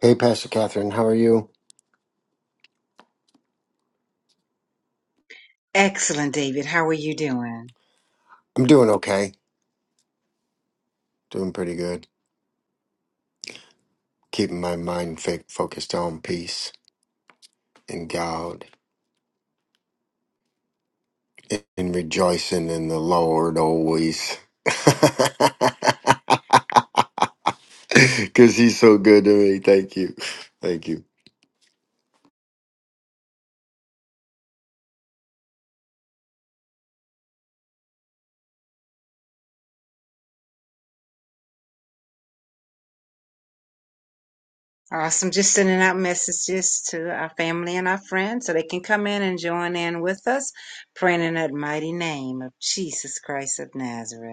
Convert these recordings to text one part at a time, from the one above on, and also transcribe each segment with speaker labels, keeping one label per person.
Speaker 1: Hey, Pastor Catherine, how are you?
Speaker 2: Excellent, David. How are you doing?
Speaker 1: I'm doing okay. Doing pretty good. Keeping my mind fa- focused on peace and God and rejoicing in the Lord always. Because He's so good to me. Thank you. Thank you.
Speaker 2: Awesome. Just sending out messages to our family and our friends so they can come in and join in with us, praying in that mighty name of Jesus Christ of Nazareth.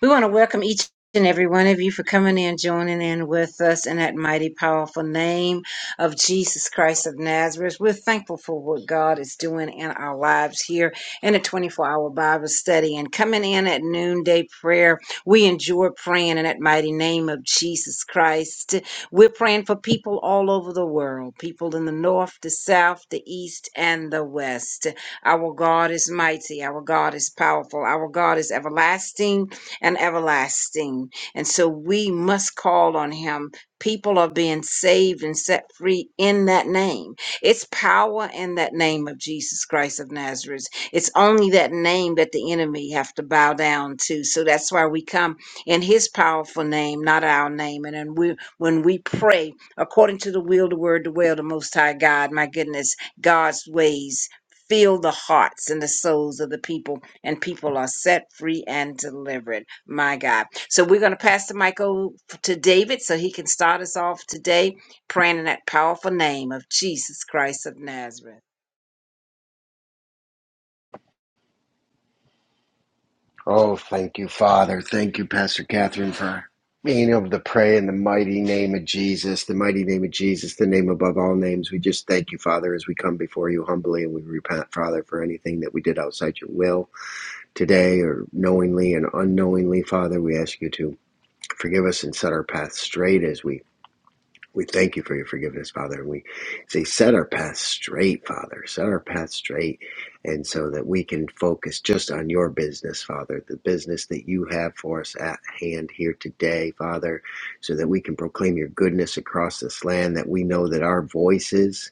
Speaker 2: We want to welcome each and every one of you for coming in, joining in with us in that mighty, powerful name of Jesus Christ of Nazareth. We're thankful for what God is doing in our lives here in a 24 hour Bible study and coming in at noonday prayer. We enjoy praying in that mighty name of Jesus Christ. We're praying for people all over the world, people in the north, the south, the east, and the west. Our God is mighty. Our God is powerful. Our God is everlasting and everlasting. And so we must call on him. People are being saved and set free in that name. It's power in that name of Jesus Christ of Nazareth. It's only that name that the enemy have to bow down to. So that's why we come in his powerful name, not our name. And then we, when we pray according to the will, the word, the will, the most high God, my goodness, God's ways fill the hearts and the souls of the people and people are set free and delivered. My God. So we're going to pass the mic over to David so he can start us off today praying in that powerful name of Jesus Christ of Nazareth.
Speaker 1: Oh, thank you, Father. Thank you, Pastor Catherine, for being able to pray in the mighty name of Jesus, the mighty name of Jesus, the name above all names. We just thank you, Father, as we come before you humbly and we repent, Father, for anything that we did outside your will Today, or knowingly and unknowingly, Father, we ask you to forgive us and set our path straight as we, we thank you for your forgiveness, Father. And we say, set our path straight, Father. Set our path straight. And so that we can focus just on your business, Father, the business that you have for us at hand here today, Father, so that we can proclaim your goodness across this land, that we know that our voices,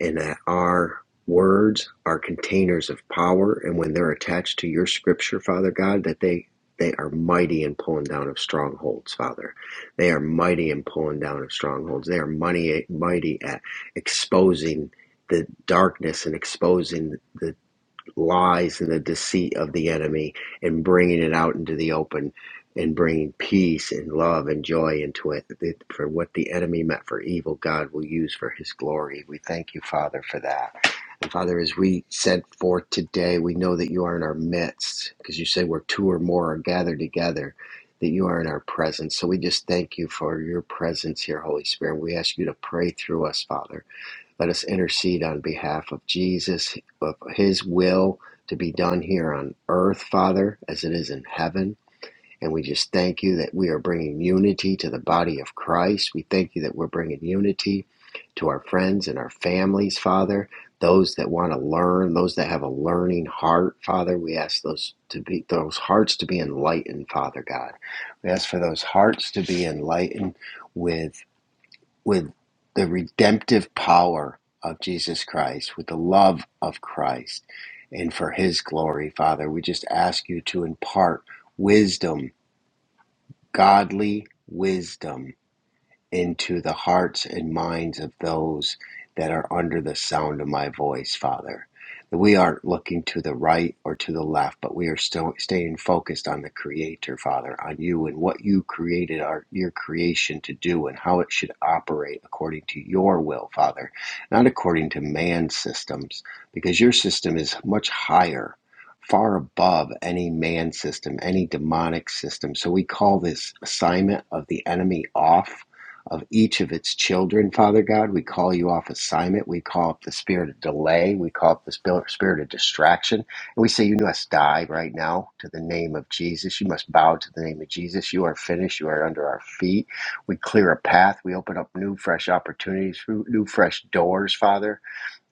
Speaker 1: and that our words are containers of power and when they're attached to your scripture father god that they they are mighty in pulling down of strongholds father they are mighty in pulling down of strongholds they are mighty mighty at exposing the darkness and exposing the lies and the deceit of the enemy and bringing it out into the open and bringing peace and love and joy into it. For what the enemy meant for evil, God will use for his glory. We thank you, Father, for that. And Father, as we sent forth today, we know that you are in our midst because you say where two or more are gathered together, that you are in our presence. So we just thank you for your presence here, Holy Spirit. We ask you to pray through us, Father let us intercede on behalf of Jesus, of His will to be done here on earth, Father, as it is in heaven. And we just thank you that we are bringing unity to the body of Christ. We thank you that we're bringing unity to our friends and our families, Father. Those that want to learn, those that have a learning heart, Father, we ask those to be those hearts to be enlightened, Father God. We ask for those hearts to be enlightened with with the redemptive power of Jesus Christ, with the love of Christ, and for his glory, Father. We just ask you to impart wisdom, godly wisdom into the hearts and minds of those that are under the sound of my voice, Father. That we aren't looking to the right or to the left, but we are still staying focused on the Creator, Father, on you and what you created our your creation to do and how it should operate according to your will, Father, not according to man's systems, because your system is much higher, far above any man system, any demonic system. So we call this assignment of the enemy off of each of its children, Father God. We call you off assignment. We call up the spirit of delay. We call up the spirit of distraction. And we say, You must die right now to the name of Jesus. You must bow to the name of Jesus. You are finished. You are under our feet. We clear a path. We open up new, fresh opportunities, new, fresh doors, Father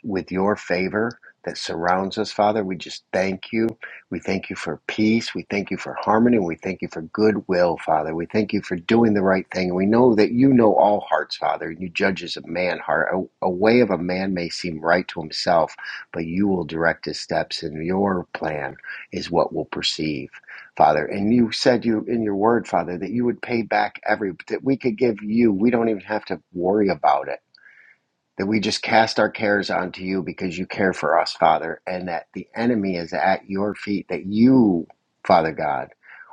Speaker 1: with your favor that surrounds us, Father. We just thank you. We thank you for peace. We thank you for harmony. We thank you for goodwill, Father. We thank you for doing the right thing. And we know that you know all hearts, Father, and you judge as a man heart. A, a way of a man may seem right to himself, but you will direct his steps, and your plan is what will perceive, Father. And you said you in your word, Father, that you would pay back every that we could give you. We don't even have to worry about it that we just cast our cares onto you because you care for us, Father, and that the enemy is at your feet, that you, Father God,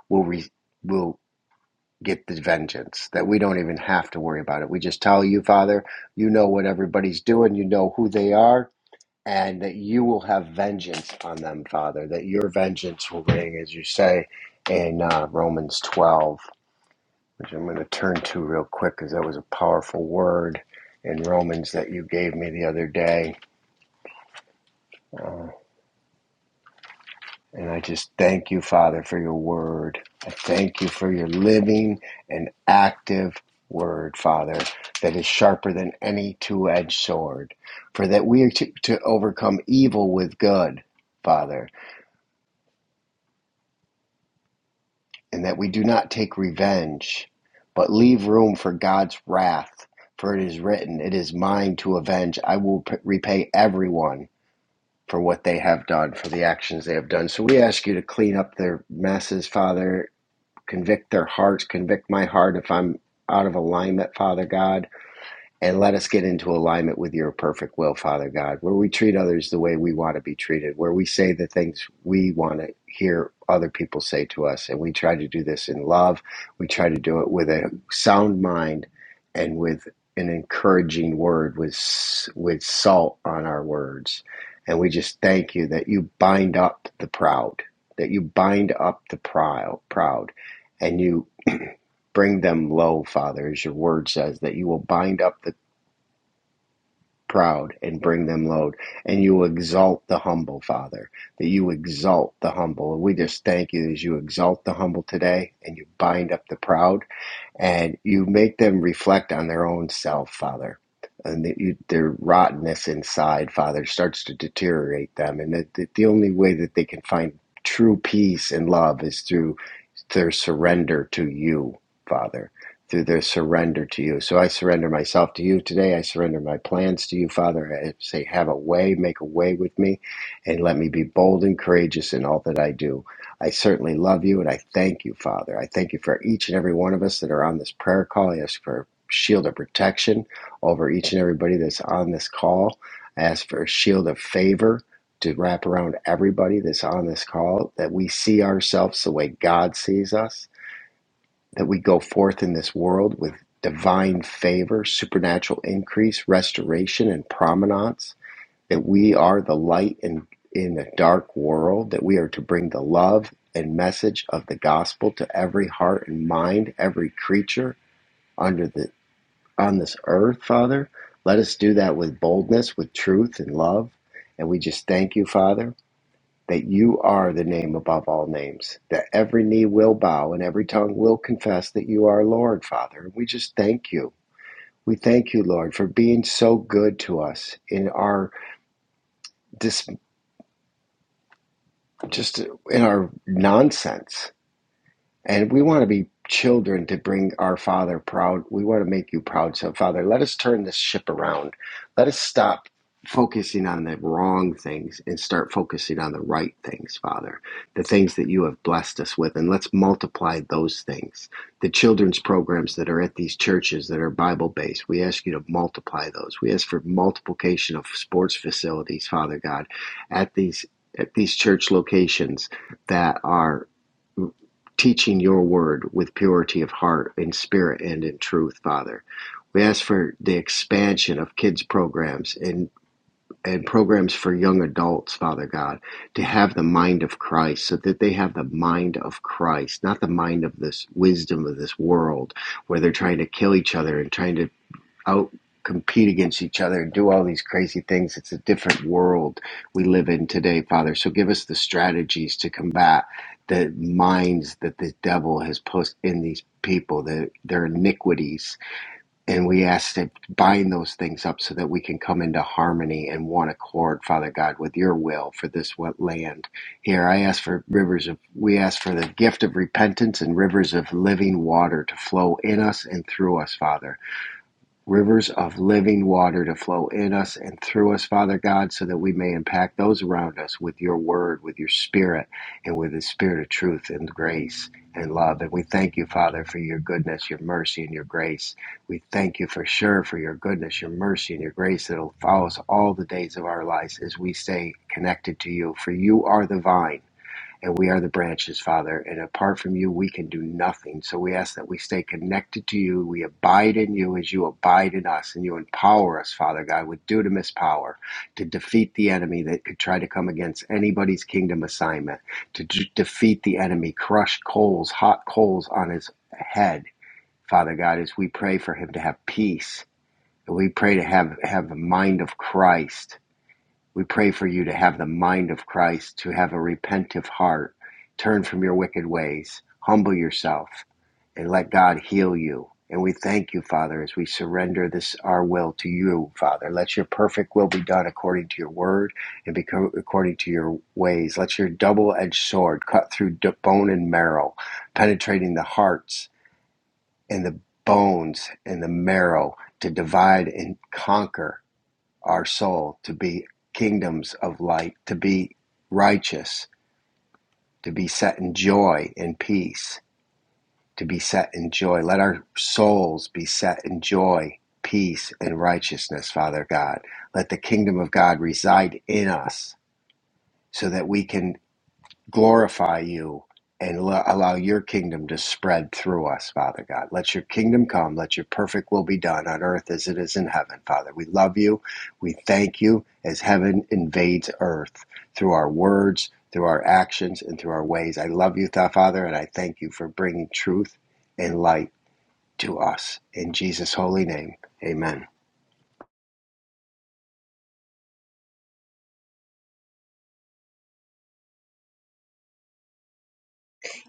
Speaker 1: will re- will get the vengeance, that we don't even have to worry about it. We just tell you, Father, you know what everybody's doing, you know who they are, and that you will have vengeance on them, Father, that your vengeance will ring, as you say in uh, Romans 12, which I'm going to turn to real quick because that was a powerful word in Romans that you gave me the other day Uh, and I just thank you, Father, for your word. I thank you for your living and active word, Father, that is sharper than any two edged sword. For that we are to, to overcome evil with good, Father, and that we do not take revenge, but leave room for God's wrath. For it is written, It is mine to avenge. I will p- repay everyone for what they have done, for the actions they have done. So we ask you to clean up their messes, Father, Convict their hearts. Convict my heart if I'm out of alignment, Father God and let us get into alignment with your perfect will, Father God, where we treat others the way we want to be treated, where we say the things we want to hear other people say to us. And we try to do this in love. We try to do it with a sound mind and with an encouraging word, with, with salt on our words. And we just thank you that you bind up the proud, that you bind up the proud, proud and you bring them low, Father, as your word says, that you will bind up the proud and bring them low, and you exalt the humble, Father, that you exalt the humble. And we just thank you as you exalt the humble today and you bind up the proud and you make them reflect on their own self, Father. And the you, their rottenness inside, Father, starts to deteriorate them. And that, that the only way that they can find true peace and love is through their surrender to you, Father, through their surrender to you. So I surrender myself to you today. I surrender my plans to you, Father. I say, have a way, make a way with me, and let me be bold and courageous in all that I do. I certainly love you, and I thank you, Father. I thank you for each and every one of us that are on this prayer call. I ask for a shield of protection over each and everybody that's on this call. I ask for a shield of favor to wrap around everybody that's on this call that we see ourselves the way God sees us, that we go forth in this world with divine favor, supernatural increase, restoration, and prominence, that we are the light in, in a dark world, that we are to bring the love and message of the gospel to every heart and mind, every creature under the on this earth, Father. Let us do that with boldness, with truth and love. And we just thank you, Father that you are the name above all names, that every knee will bow and every tongue will confess that you are Lord, Father. And we just thank you. We thank you, Lord, for being so good to us in our dis- just in our nonsense And we want to be children to bring our Father proud. We want to make you proud. So, Father, let us turn this ship around. Let us stop focusing on the wrong things and start focusing on the right things, Father, the things that you have blessed us with. And let's multiply those things. The children's programs that are at these churches that are Bible based, we ask you to multiply those. We ask for multiplication of sports facilities, Father God, at these. At these church locations that are teaching your word with purity of heart, in spirit, and in truth, Father. We ask for the expansion of kids' programs and, and programs for young adults, Father God, to have the mind of Christ so that they have the mind of Christ, not the mind of this wisdom of this world where they're trying to kill each other and trying to out compete against each other and do all these crazy things. It's a different world we live in today, Father. So give us the strategies to combat the minds that the devil has put in these people, the, their iniquities. And we ask to bind those things up so that we can come into harmony and one accord, Father God, with your will for this wet land. Here, I ask for rivers of, we ask for the gift of repentance and rivers of living water to flow in us and through us, Father rivers of living water to flow in us and through us, Father God, so that we may impact those around us with your word, with your spirit, and with the spirit of truth and grace and love. And we thank you, Father, for your goodness, your mercy, and your grace. We thank you for sure for your goodness, your mercy, and your grace that'll follow us all the days of our lives as we stay connected to you. For you are the vine and we are the branches, Father. And apart from you, we can do nothing. So we ask that we stay connected to you. We abide in you as you abide in us, and you empower us, Father God, with dunamis power to defeat the enemy that could try to come against anybody's kingdom assignment, to d- defeat the enemy, crush coals, hot coals on his head, Father God, as we pray for him to have peace. And we pray to have, have the mind of Christ we pray for you to have the mind of Christ, to have a repentive heart, turn from your wicked ways, humble yourself, and let God heal you. And we thank you, Father, as we surrender this our will to you, Father. Let your perfect will be done according to your word and according to your ways. Let your double-edged sword cut through bone and marrow, penetrating the hearts and the bones and the marrow to divide and conquer our soul, to be kingdoms of light, to be righteous, to be set in joy and peace, to be set in joy. Let our souls be set in joy, peace, and righteousness, Father God. Let the kingdom of God reside in us so that we can glorify you and lo- allow your kingdom to spread through us, Father God. Let your kingdom come. Let your perfect will be done on earth as it is in heaven, Father. We love you. We thank you as heaven invades earth through our words, through our actions, and through our ways. I love you, Thou Father, and I thank you for bringing truth and light to us. In Jesus' holy name, amen.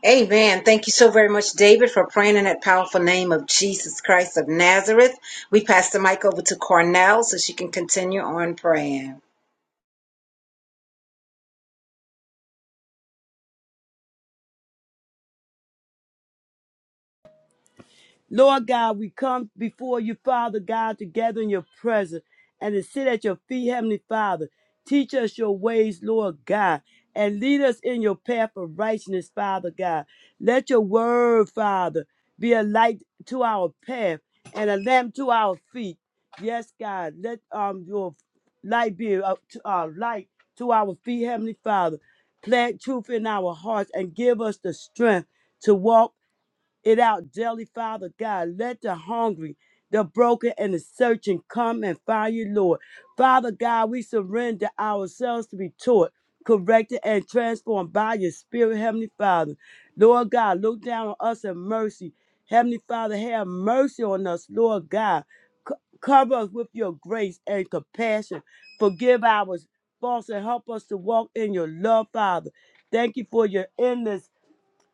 Speaker 2: Amen. Thank you so very much, David, for praying in that powerful name of Jesus Christ of Nazareth. We pass the mic over to Cornell so she can continue on praying.
Speaker 3: Lord God, we come before you, Father God, together in your presence and to sit at your feet, Heavenly Father. Teach us your ways, Lord God, and lead us in your path of righteousness, Father God. Let your word, Father, be a light to our path and a lamp to our feet. Yes, God, let um your light be a to our light to our feet, Heavenly Father. Plant truth in our hearts and give us the strength to walk it out daily, Father God. Let the hungry, the broken, and the searching come and find you, Lord. Father God, we surrender ourselves to be taught, corrected, and transformed by your Spirit, Heavenly Father. Lord God, look down on us in mercy. Heavenly Father, have mercy on us, Lord God. Co- cover us with your grace and compassion. Forgive our faults and help us to walk in your love, Father. Thank you for your endless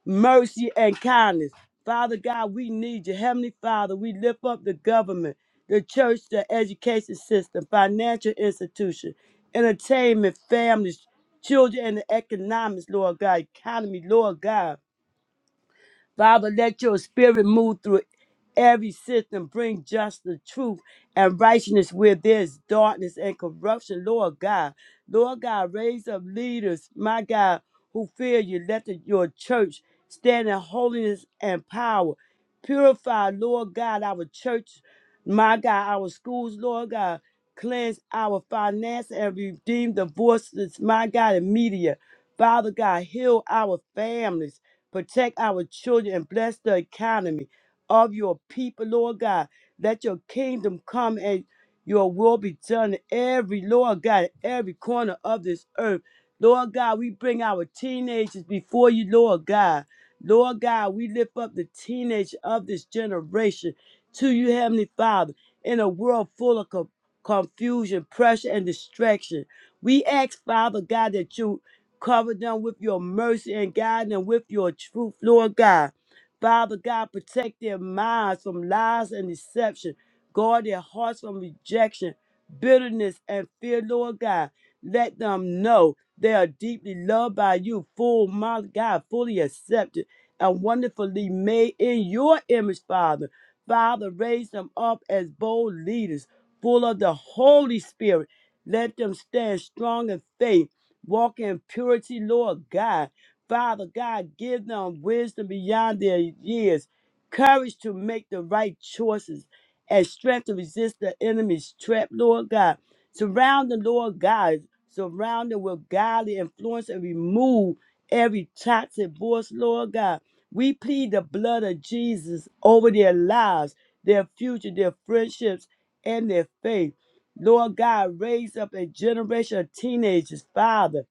Speaker 3: mercy, and kindness. Father God, we need you. Heavenly Father, we lift up the government, the church, the education system, financial institution, entertainment, families, children, and the economics, Lord God, economy, Lord God. Father, let your spirit move through every system, bring justice, truth, and righteousness where there's darkness and corruption, Lord God. Lord God, raise up leaders, my God, who fear you. Let the- your church stand in holiness and power. Purify, Lord God, our church, my God, our schools, Lord God. Cleanse our finance and redeem the voices, my God, in media. Father God, heal our families. Protect our children and bless the economy of your people, Lord God. Let your kingdom come and your will be done in every, Lord God, every corner of this earth. Lord God, we bring our teenagers before you, Lord God. Lord God, we lift up the teenage of this generation to you, Heavenly Father, in a world full of co- confusion, pressure, and distraction. We ask, Father God, that you Cover them with your mercy and guide them with your truth, Lord God. Father God, protect their minds from lies and deception. Guard their hearts from rejection, bitterness, and fear, Lord God. Let them know they are deeply loved by you, full, my God, fully accepted and wonderfully made in your image, Father. Father, raise them up as bold leaders, full of the Holy Spirit. Let them stand strong in faith Walk in purity, Lord God. Father God, give them wisdom beyond their years, courage to make the right choices, and strength to resist the enemy's trap, Lord God. Surround the Lord God, surround them with godly influence and remove every toxic voice, Lord God. We plead the blood of Jesus over their lives, their future, their friendships, and their faith. Lord God, raise up a generation of teenagers, Father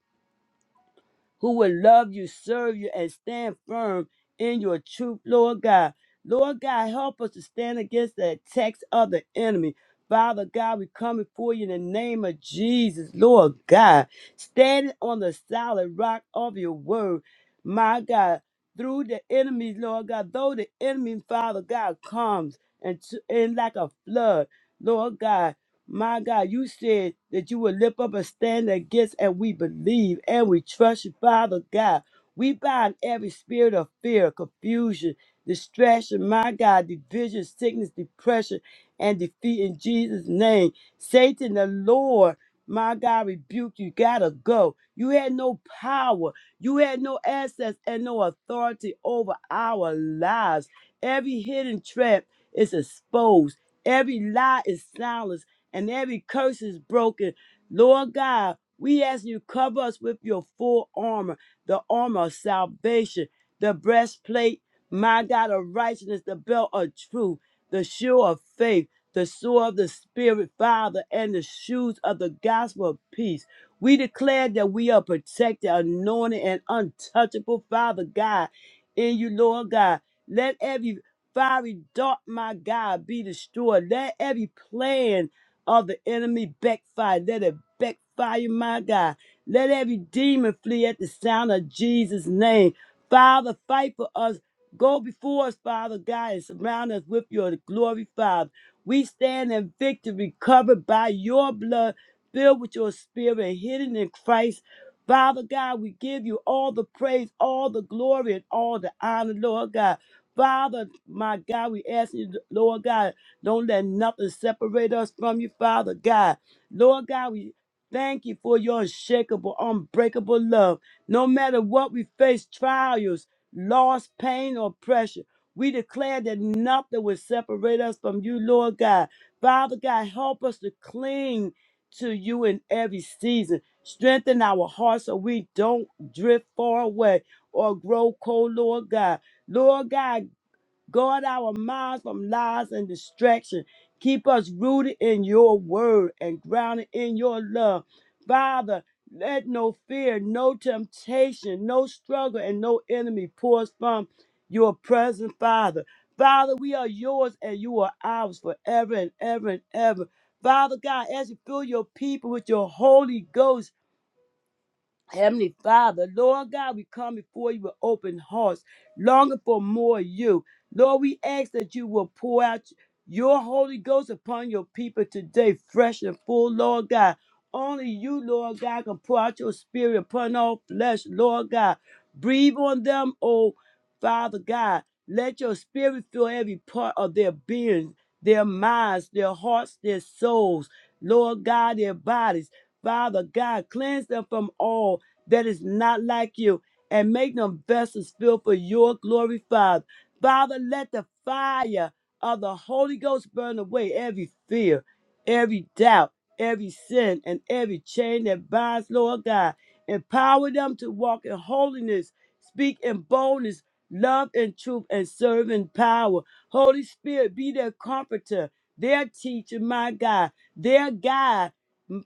Speaker 3: who will love you, serve you, and stand firm in your truth, Lord God. Lord God, help us to stand against the attacks of the enemy. Father God, we come before you in the name of Jesus, Lord God, standing on the solid rock of your word, my God, through the enemies, Lord God, though the enemy, Father God, comes and, to, and like a flood, Lord God. My God, you said that you would lift up a stand against, and we believe and we trust you, Father God. We bind every spirit of fear, confusion, distraction, my God, division, sickness, depression, and defeat in Jesus' name. Satan, the Lord, my God, rebuke you. Gotta go. You had no power, you had no access, and no authority over our lives. Every hidden trap is exposed, every lie is silenced and every curse is broken. Lord God, we ask you cover us with your full armor, the armor of salvation, the breastplate, my God, of righteousness, the belt of truth, the shoe of faith, the sword of the Spirit, Father, and the shoes of the gospel of peace. We declare that we are protected, anointed, and untouchable, Father God, in you, Lord God. Let every fiery dart, my God, be destroyed. Let every plan of the enemy backfire. Let it backfire, my God. Let every demon flee at the sound of Jesus' name. Father, fight for us. Go before us, Father God, and surround us with your glory, Father. We stand in victory, covered by your blood, filled with your spirit, and hidden in Christ. Father God, we give you all the praise, all the glory, and all the honor, Lord God. Father, my God, we ask you, Lord God. Don't let nothing separate us from you, Father God. Lord God, we thank you for your unshakable, unbreakable love. No matter what we face, trials, loss, pain, or pressure, we declare that nothing will separate us from you, Lord God. Father God, help us to cling to you in every season. Strengthen our hearts so we don't drift far away or grow cold, Lord God. Lord God, Guard our minds from lies and distraction. Keep us rooted in your word and grounded in your love. Father, let no fear, no temptation, no struggle, and no enemy pour us from your presence, Father. Father, we are yours and you are ours forever and ever and ever. Father God, as you fill your people with your Holy Ghost, Heavenly Father, Lord God, we come before you with open hearts, longing for more of you. Lord, we ask that you will pour out your Holy Ghost upon your people today, fresh and full, Lord God. Only you, Lord God, can pour out your spirit upon all flesh, Lord God. Breathe on them, oh Father God. Let your spirit fill every part of their being, their minds, their hearts, their souls, Lord God, their bodies. Father God, cleanse them from all that is not like you and make them vessels filled for your glory, Father. Father, let the fire of the Holy Ghost burn away every fear, every doubt, every sin, and every chain that binds, Lord God. Empower them to walk in holiness, speak in boldness, love and truth, and serve in power. Holy Spirit, be their comforter, their teacher, my God, their guide.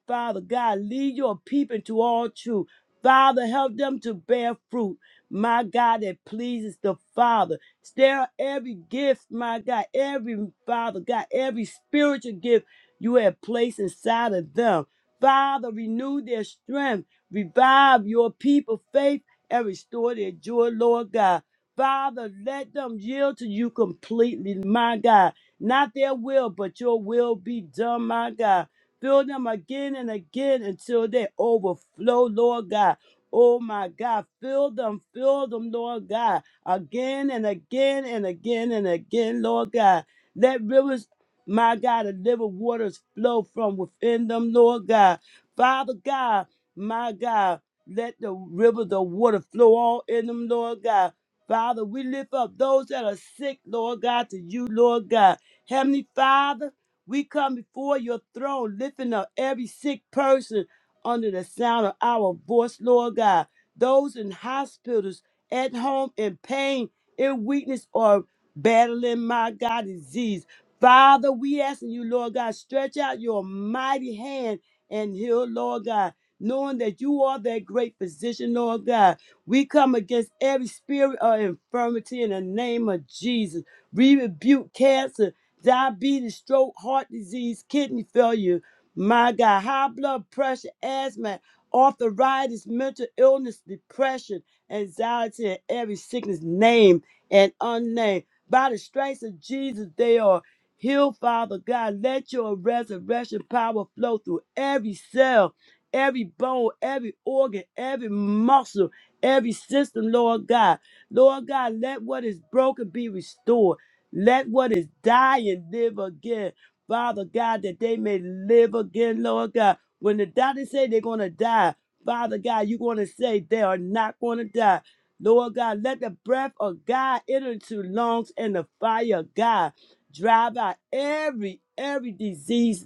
Speaker 3: Father God, lead your people into all truth Father, help them to bear fruit, my God, that pleases the Father. Stir every gift, my God, every Father, God, every spiritual gift you have placed inside of them. Father, renew their strength, revive your people's faith, and restore their joy, Lord God. Father, let them yield to you completely, my God. Not their will, but your will be done, my God. Fill them again and again until they overflow, Lord God. Oh my God, fill them, fill them, Lord God, again and again and again and again, Lord God. Let rivers, my God, of living waters flow from within them, Lord God. Father God, my God, let the rivers of water flow all in them, Lord God. Father, we lift up those that are sick, Lord God, to you, Lord God. Heavenly Father, we come before your throne, lifting up every sick person under the sound of our voice, Lord God. Those in hospitals, at home, in pain, in weakness, or battling, my God, disease. Father, we asking you, Lord God, stretch out your mighty hand and heal, Lord God, knowing that you are that great physician, Lord God. We come against every spirit of infirmity in the name of Jesus. We rebuke cancer diabetes, stroke, heart disease, kidney failure, my God, high blood pressure, asthma, arthritis, mental illness, depression, anxiety, and every sickness named and unnamed. By the strength of Jesus, they are healed, Father God. Let your resurrection power flow through every cell, every bone, every organ, every muscle, every system, Lord God. Lord God, let what is broken be restored. Let what is dying live again. Father God, that they may live again, Lord God. When the doctors say they're going to die, Father God, you're going to say they are not going to die. Lord God, let the breath of God enter into lungs and the fire of God drive out every, every disease.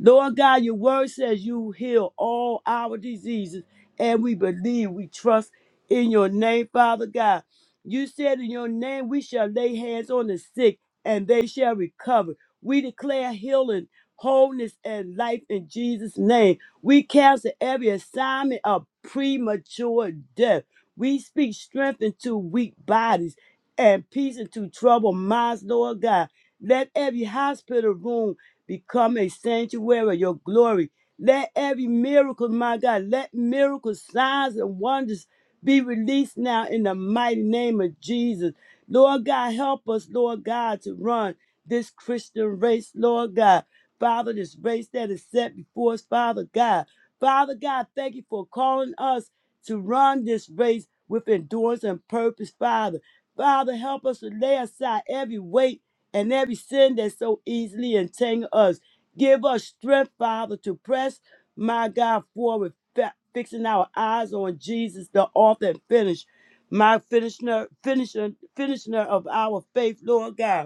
Speaker 3: Lord God, your word says you heal all our diseases, and we believe, we trust in your name, Father God. You said in your name, we shall lay hands on the sick and they shall recover. We declare healing, wholeness, and life in Jesus' name. We cancel every assignment of premature death. We speak strength into weak bodies and peace into troubled minds, Lord God. Let every hospital room become a sanctuary of your glory. Let every miracle, my God, let miracles, signs, and wonders be released now in the mighty name of Jesus. Lord God, help us, Lord God, to run this Christian race, Lord God. Father, this race that is set before us, Father God. Father God, thank you for calling us to run this race with endurance and purpose, Father. Father, help us to lay aside every weight and every sin that so easily entangle us. Give us strength, Father, to press my God, for with fa- fixing our eyes on Jesus, the author and finish, my finisher, finisher, finisher of our faith, Lord God.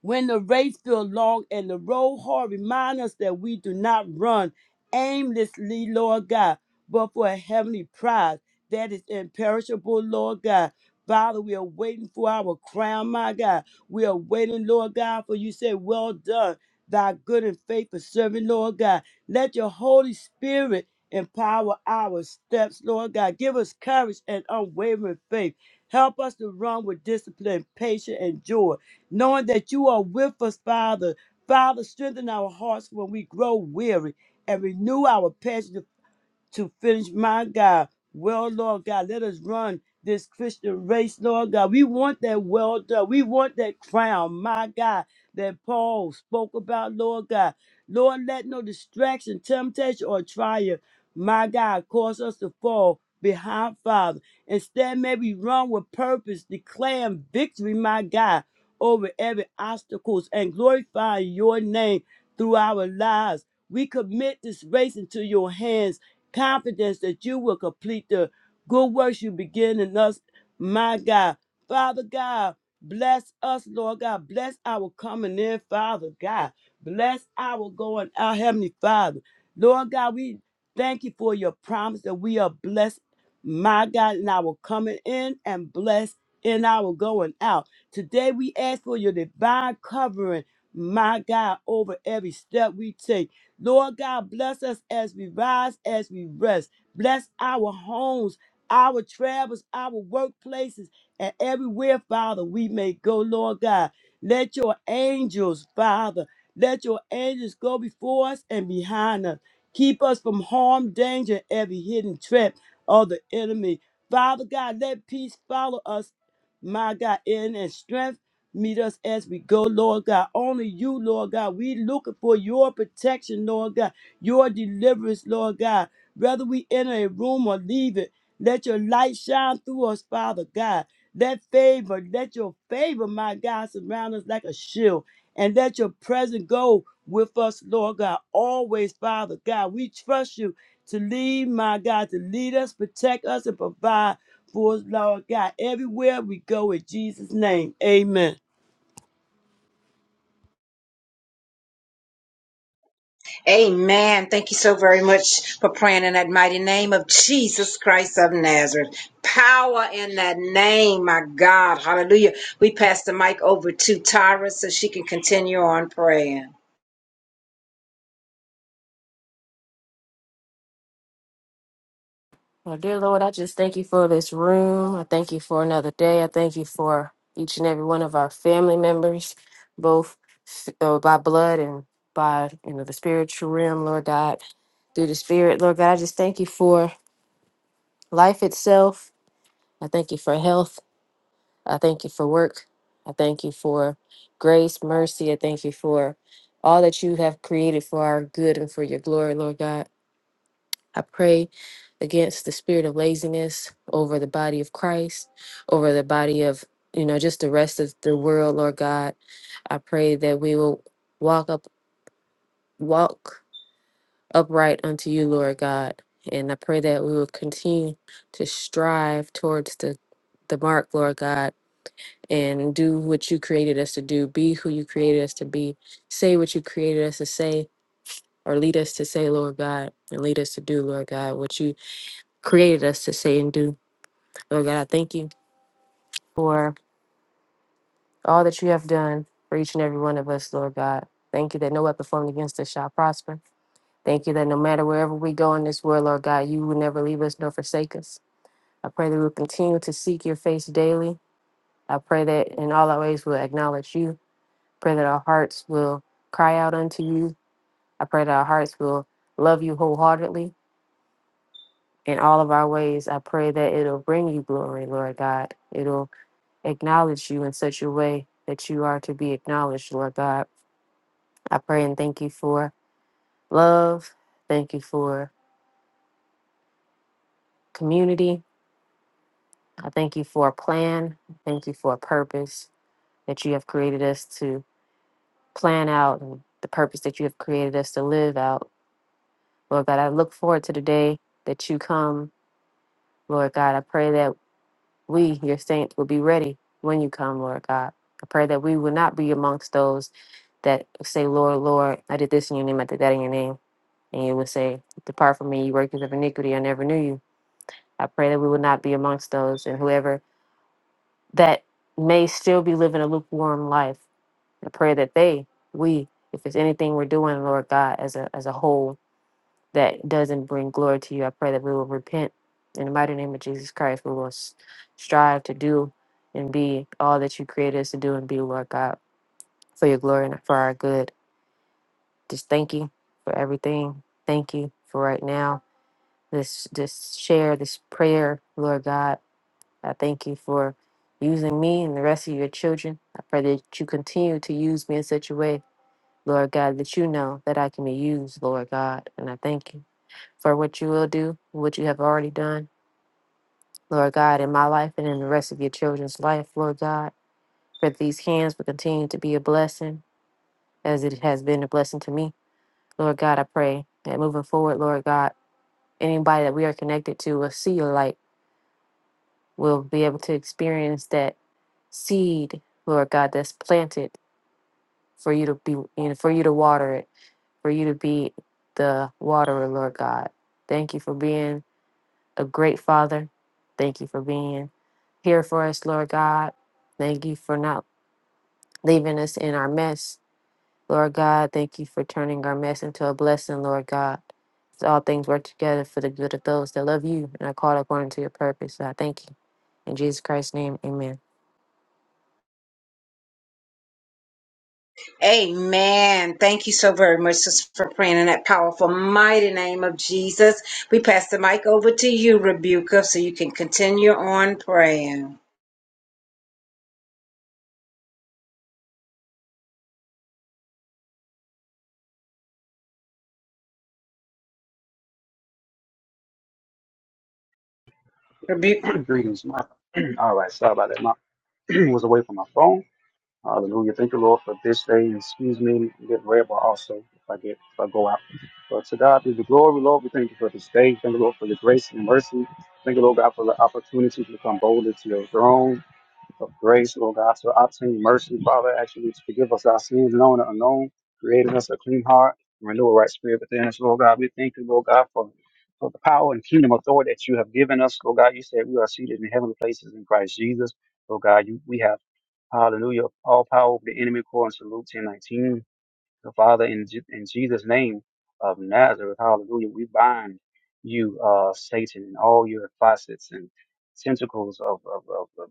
Speaker 3: When the race feels long and the road hard, remind us that we do not run aimlessly, Lord God, but for a heavenly prize that is imperishable, Lord God. Father, we are waiting for our crown, my God. We are waiting, Lord God, for you say, Well done, thy good and faithful servant, Lord God. Let your Holy Spirit empower our steps, Lord God. Give us courage and unwavering faith. Help us to run with discipline, patience, and joy knowing that you are with us, Father. Father, strengthen our hearts when we grow weary and renew our passion to finish. My God, well, Lord God, let us run this Christian race, Lord God. We want that well done. We want that crown, my God, that Paul spoke about, Lord God. Lord, let no distraction, temptation, or trial, my God, cause us to fall behind, Father. Instead, may we run with purpose, declaring victory, my God, over every obstacles and glorify your name through our lives. We commit this race into your hands confidence that you will complete the good works you begin in us, my God. Father God, bless us, Lord God. Bless our coming in, Father God. Bless our going out, Heavenly Father. Lord God, we thank you for your promise that we are blessed, my God, in our coming in and blessed in our going out. Today we ask for your divine covering, my God, over every step we take. Lord God, bless us as we rise, as we rest. Bless our homes, our travels, our workplaces, and everywhere, Father, we may go, Lord God. Let your angels, Father, let your angels go before us and behind us. Keep us from harm, danger, every hidden trap of the enemy. Father God, let peace follow us, my God, in and strength. Meet us as we go, Lord God. Only you, Lord God. We looking for your protection, Lord God. Your deliverance, Lord God. Whether we enter a room or leave it, let your light shine through us, Father God. Let favor, let your favor, my God, surround us like a shield. And let your presence go with us, Lord God. Always, Father God. We trust you to lead, my God, to lead us, protect us, and provide for us, Lord God, everywhere we go in Jesus' name. Amen.
Speaker 2: Amen. Thank you so very much for praying in that mighty name of Jesus Christ of Nazareth. Power in that name, my God. Hallelujah. We pass the mic over to Tyra so she can continue on praying.
Speaker 4: Well, dear Lord, I just thank you for this room. I thank you for another day. I thank you for each and every one of our family members, both uh, by blood and by you know the spiritual realm, Lord God, through the Spirit, Lord God. I just thank you for life itself. I thank you for health. I thank you for work. I thank you for grace, mercy. I thank you for all that you have created for our good and for your glory, Lord God. I pray against the spirit of laziness over the body of Christ, over the body of, you know, just the rest of the world, Lord God. I pray that we will walk up walk upright unto you, Lord God. And I pray that we will continue to strive towards the the mark, Lord God, and do what you created us to do, be who you created us to be, say what you created us to say, or lead us to say, Lord God, and lead us to do, Lord God, what you created us to say and do. Lord God, I thank you for all that you have done for each and every one of us, Lord God. Thank you that no weapon formed against us shall prosper. Thank you that no matter wherever we go in this world, Lord God, you will never leave us nor forsake us. I pray that we'll continue to seek your face daily. I pray that in all our ways we'll acknowledge you. Pray that our hearts will cry out unto you. I pray that our hearts will love you wholeheartedly in all of our ways. I pray that it'll bring you glory, Lord God. It'll acknowledge you in such a way that you are to be acknowledged, Lord God. I pray and thank you for love. Thank you for community. I thank you for a plan. Thank you for a purpose that you have created us to plan out and the purpose that you have created us to live out. Lord God, I look forward to the day that you come, Lord God. I pray that we, your saints, will be ready when you come, Lord God. I pray that we will not be amongst those that say, Lord, Lord, I did this in your name, I did that in your name And it would say, Depart from me, you workers of iniquity, I never knew you. I pray that we will not be amongst those and whoever that may still be living a lukewarm life. I pray that they, we, if it's anything we're doing, Lord God, as a as a whole that doesn't bring glory to you, I pray that we will repent in the mighty name of Jesus Christ. We will s- strive to do and be all that you created us to do and be, Lord God, for your glory and for our good. Just thank you for everything. Thank you for right now. this this share, this prayer, Lord God. I thank you for using me and the rest of your children. I pray that you continue to use me in such a way, Lord God, that you know that I can be used, Lord God. And I thank you for what you will do, what you have already done, Lord God, in my life and in the rest of your children's life, Lord God. Pray That these hands will continue to be a blessing as it has been a blessing to me. Lord God, I pray that moving forward, Lord God, anybody that we are connected to will see your light We'll be able to experience that seed, Lord God, that's planted for you to be and for you to water it, for you to be the waterer, Lord God. Thank you for being a great father. Thank you for being here for us, Lord God. Thank you for not leaving us in our mess, Lord God. Thank you for turning our mess into a blessing, Lord God. All things work together for the good of those that love you and are called according to your purpose. So I thank you. In Jesus Christ's name, amen.
Speaker 2: Amen. Thank you so very much sis, for praying in that powerful, mighty name of Jesus. We pass the mic over to you, Rebuka, so you can continue on praying. Rebuke.
Speaker 5: Greetings, Mark. All right, sorry about that. Mark was away from my phone. Hallelujah. Thank you, Lord, for this day. And Excuse me, get rebel also if I get if I go out. But to God be the glory, Lord. We thank you for this day. Thank you, Lord, for your grace and mercy. Thank you, Lord God, for the opportunity to come boldly to your throne of grace, Lord God. So I obtain mercy, Father, actually to forgive us our sins, known and unknown, creating us a clean heart, and renew a right spirit within us, Lord God. We thank you, Lord God, for, for the power and kingdom authority that you have given us, Lord God. You said we are seated in heavenly places in Christ Jesus, Lord God. You, we have, hallelujah, all power over the enemy, according to Luke ten nineteen. So, Father, in, Je- in Jesus' name of Nazareth, hallelujah, we bind you, uh, Satan, and all your facets and tentacles of, of, of, of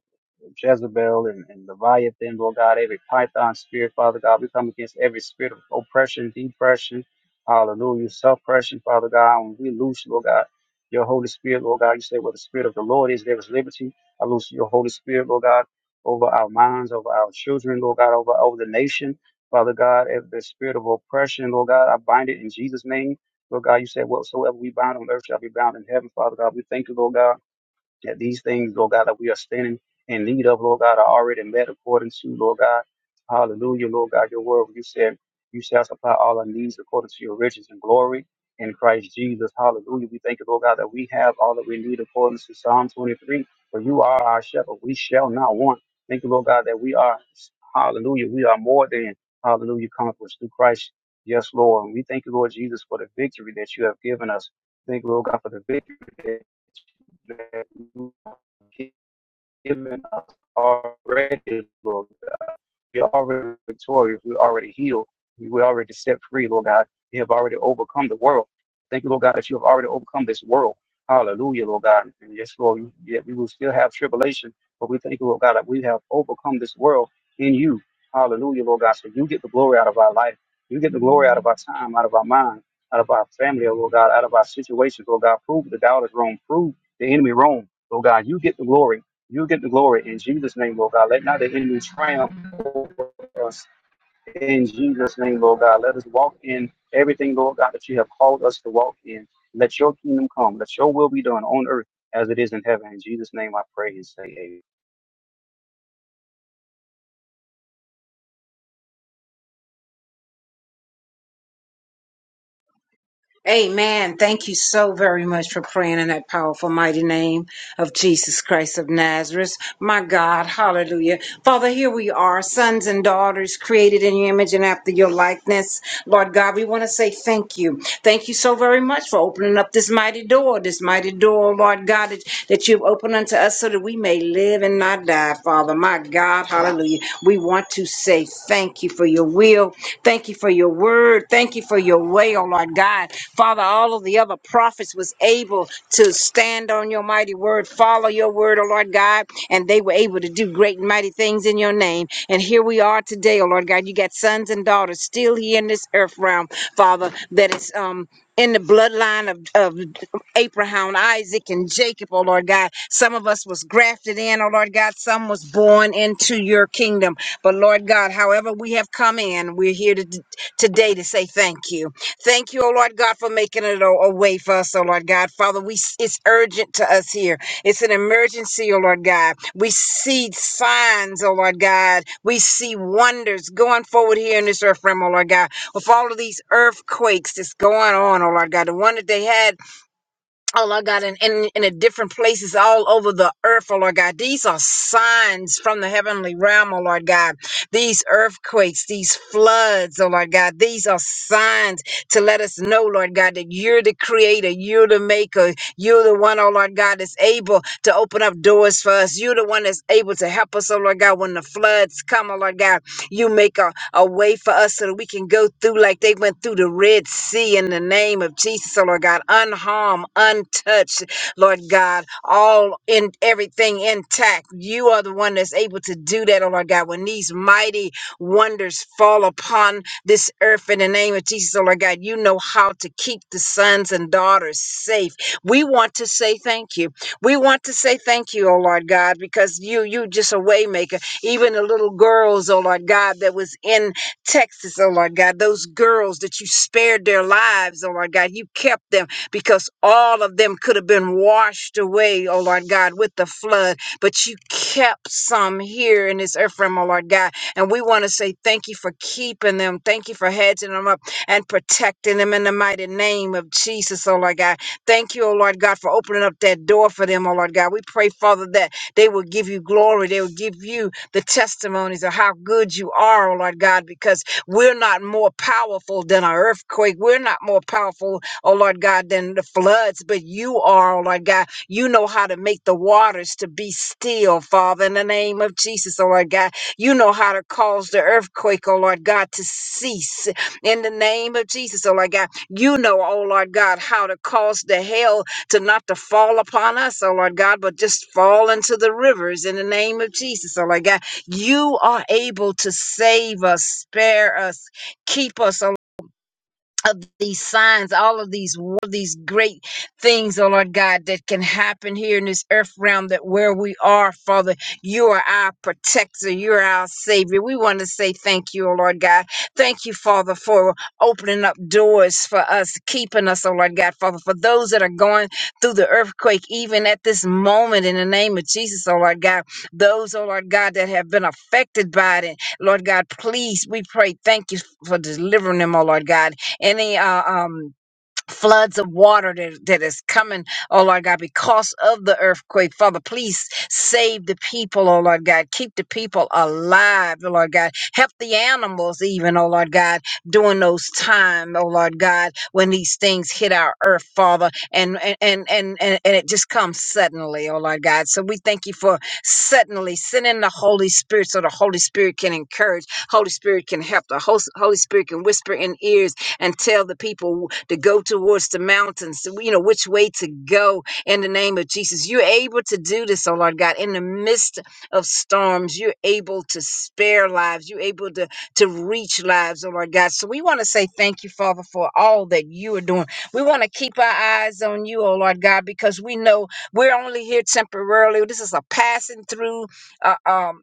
Speaker 5: Jezebel and, and Leviathan, Lord God, every python spirit, Father God. We come against every spirit of oppression, depression, hallelujah, suppression, Father God. When we loose, Lord God, your Holy Spirit, Lord God, you say where the Spirit of the Lord is, there is liberty. I loose your Holy Spirit, Lord God, over our minds, over our children, Lord God, over, over the nation. Father God, if the spirit of oppression, Lord God, I bind it in Jesus' name. Lord God, you said, whatsoever we bind on earth shall be bound in heaven, Father God. We thank you, Lord God that these things, Lord God, that we are standing in need of, Lord God, are already met according to, Lord God. Hallelujah, Lord God, your word. You said you shall supply all our needs according to your riches and glory in Christ Jesus. Hallelujah. We thank you, Lord God, that we have all that we need according to Psalm 23. For you are our shepherd. We shall not want. Thank you, Lord God, that we are, hallelujah, we are more than, hallelujah, conquerors through Christ. Yes, Lord. And we thank you, Lord Jesus, for the victory that you have given us. Thank you, Lord God, for the victory that you have given us already, Lord we're already victorious. We're already healed. We were already set free, Lord God. You have already overcome the world. Thank you, Lord God, that you have already overcome this world. Hallelujah, Lord God. And yes, Lord, you- yet we will still have tribulation, but we thank you, Lord God, that we have overcome this world in you. Hallelujah, Lord God. So you get the glory out of our life. You get the glory out of our time, out of our mind, out of our family, oh Lord God, out of our situations, Lord God. Prove the doubters wrong. Prove the enemy wrong, Lord God. You get the glory. You get the glory in Jesus' name, Lord God. Let not the enemy triumph over us. In Jesus' name, Lord God, let us walk in everything, Lord God, that you have called us to walk in. Let your kingdom come. Let your will be done on earth as it is in heaven. In Jesus' name, I pray and say amen.
Speaker 2: Amen. Thank you so very much for praying in that powerful, mighty name of Jesus Christ of Nazareth. My God, hallelujah. Father, here we are, sons and daughters created in your image and after your likeness. Lord God, we want to say thank you. Thank you so very much for opening up this mighty door, this mighty door, Lord God, that, that you've opened unto us so that we may live and not die, Father. My God, hallelujah. We want to say thank you for your will. Thank you for your word. Thank you for your way, oh Lord God. Father, all of the other prophets was able to stand on your mighty word, follow your word, oh Lord God, and they were able to do great and mighty things in your name. And here we are today, oh Lord God. You got sons and daughters still here in this earth realm, Father, that is um in the bloodline of, of Abraham, Isaac, and Jacob, oh Lord God. Some of us was grafted in, oh Lord God. Some was born into your kingdom. But Lord God, however we have come in, we're here to, today to say thank you. Thank you, oh Lord God, for making it a, a way for us, oh Lord God. Father, we it's urgent to us here. It's an emergency, oh Lord God. We see signs, oh Lord God. We see wonders going forward here in this earth realm, oh Lord God. With all of these earthquakes that's going on, oh Lord God. The one that they had Oh Lord God, and in, in, in the different places all over the earth, oh Lord God. These are signs from the heavenly realm, oh Lord God. These earthquakes, these floods, oh Lord God, these are signs to let us know, Lord God, that you're the creator, you're the maker, you're the one, oh Lord God, that's able to open up doors for us. You're the one that's able to help us, oh Lord God, when the floods come, oh Lord God. You make a a way for us so that we can go through like they went through the Red Sea in the name of Jesus, so Lord God, unharmed, untouched, Lord God, all in everything intact. You are the one that's able to do that, oh Lord God. When these mighty wonders fall upon this earth in the name of Jesus, oh Lord God, you know how to keep the sons and daughters safe. We want to say thank you. We want to say thank you, oh Lord God, because you you just a waymaker. Even the little girls, oh Lord God, that was in Texas, oh Lord God, those girls that you spared their lives, oh Lord God, you kept them because all of them could have been washed away, oh Lord God, with the flood, but you kept some here in this earth realm, oh Lord God. And we want to say thank you for keeping them. Thank you for hedging them up and protecting them in the mighty name of Jesus, oh Lord God. Thank you, oh Lord God, for opening up that door for them, oh Lord God. We pray, Father, that they will give you glory. They will give you the testimonies of how good you are, oh Lord God, because we're not more powerful than an earthquake. We're not more powerful, oh Lord God, than the floods, but you are, oh Lord God. You know how to make the waters to be still, Father, in the name of Jesus, oh Lord God. You know how to cause the earthquake, oh Lord God, to cease in the name of Jesus, oh Lord God. You know, oh Lord God, how to cause the hail to not to fall upon us, oh Lord God, but just fall into the rivers in the name of Jesus, oh Lord God. You are able to save us, spare us, keep us, alive of these signs, all of these wo- these great things, oh Lord God, that can happen here in this earth realm that where we are, Father, you are our protector, you are our savior. We want to say thank you, oh Lord God. Thank you, Father, for opening up doors for us, keeping us, oh Lord God, Father, for those that are going through the earthquake, even at this moment in the name of Jesus, oh Lord God, those, oh Lord God, that have been affected by it. Lord God, please, we pray, thank you for delivering them, oh Lord God any uh, um floods of water that, that is coming oh lord god because of the earthquake father please save the people oh lord god keep the people alive oh lord god help the animals even oh lord god during those time oh lord god when these things hit our earth father and and and and, and, and it just comes suddenly oh lord god so we thank you for suddenly sending the holy spirit so the holy spirit can encourage holy spirit can help the Hos- holy spirit can whisper in ears and tell the people to go towards the mountains, you know, which way to go in the name of Jesus. You're able to do this, oh Lord God, in the midst of storms. You're able to spare lives. You're able to, to reach lives, oh Lord God. So we want to say thank you, Father, for all that you are doing. We want to keep our eyes on you, oh Lord God, because we know we're only here temporarily. This is a passing through uh, um,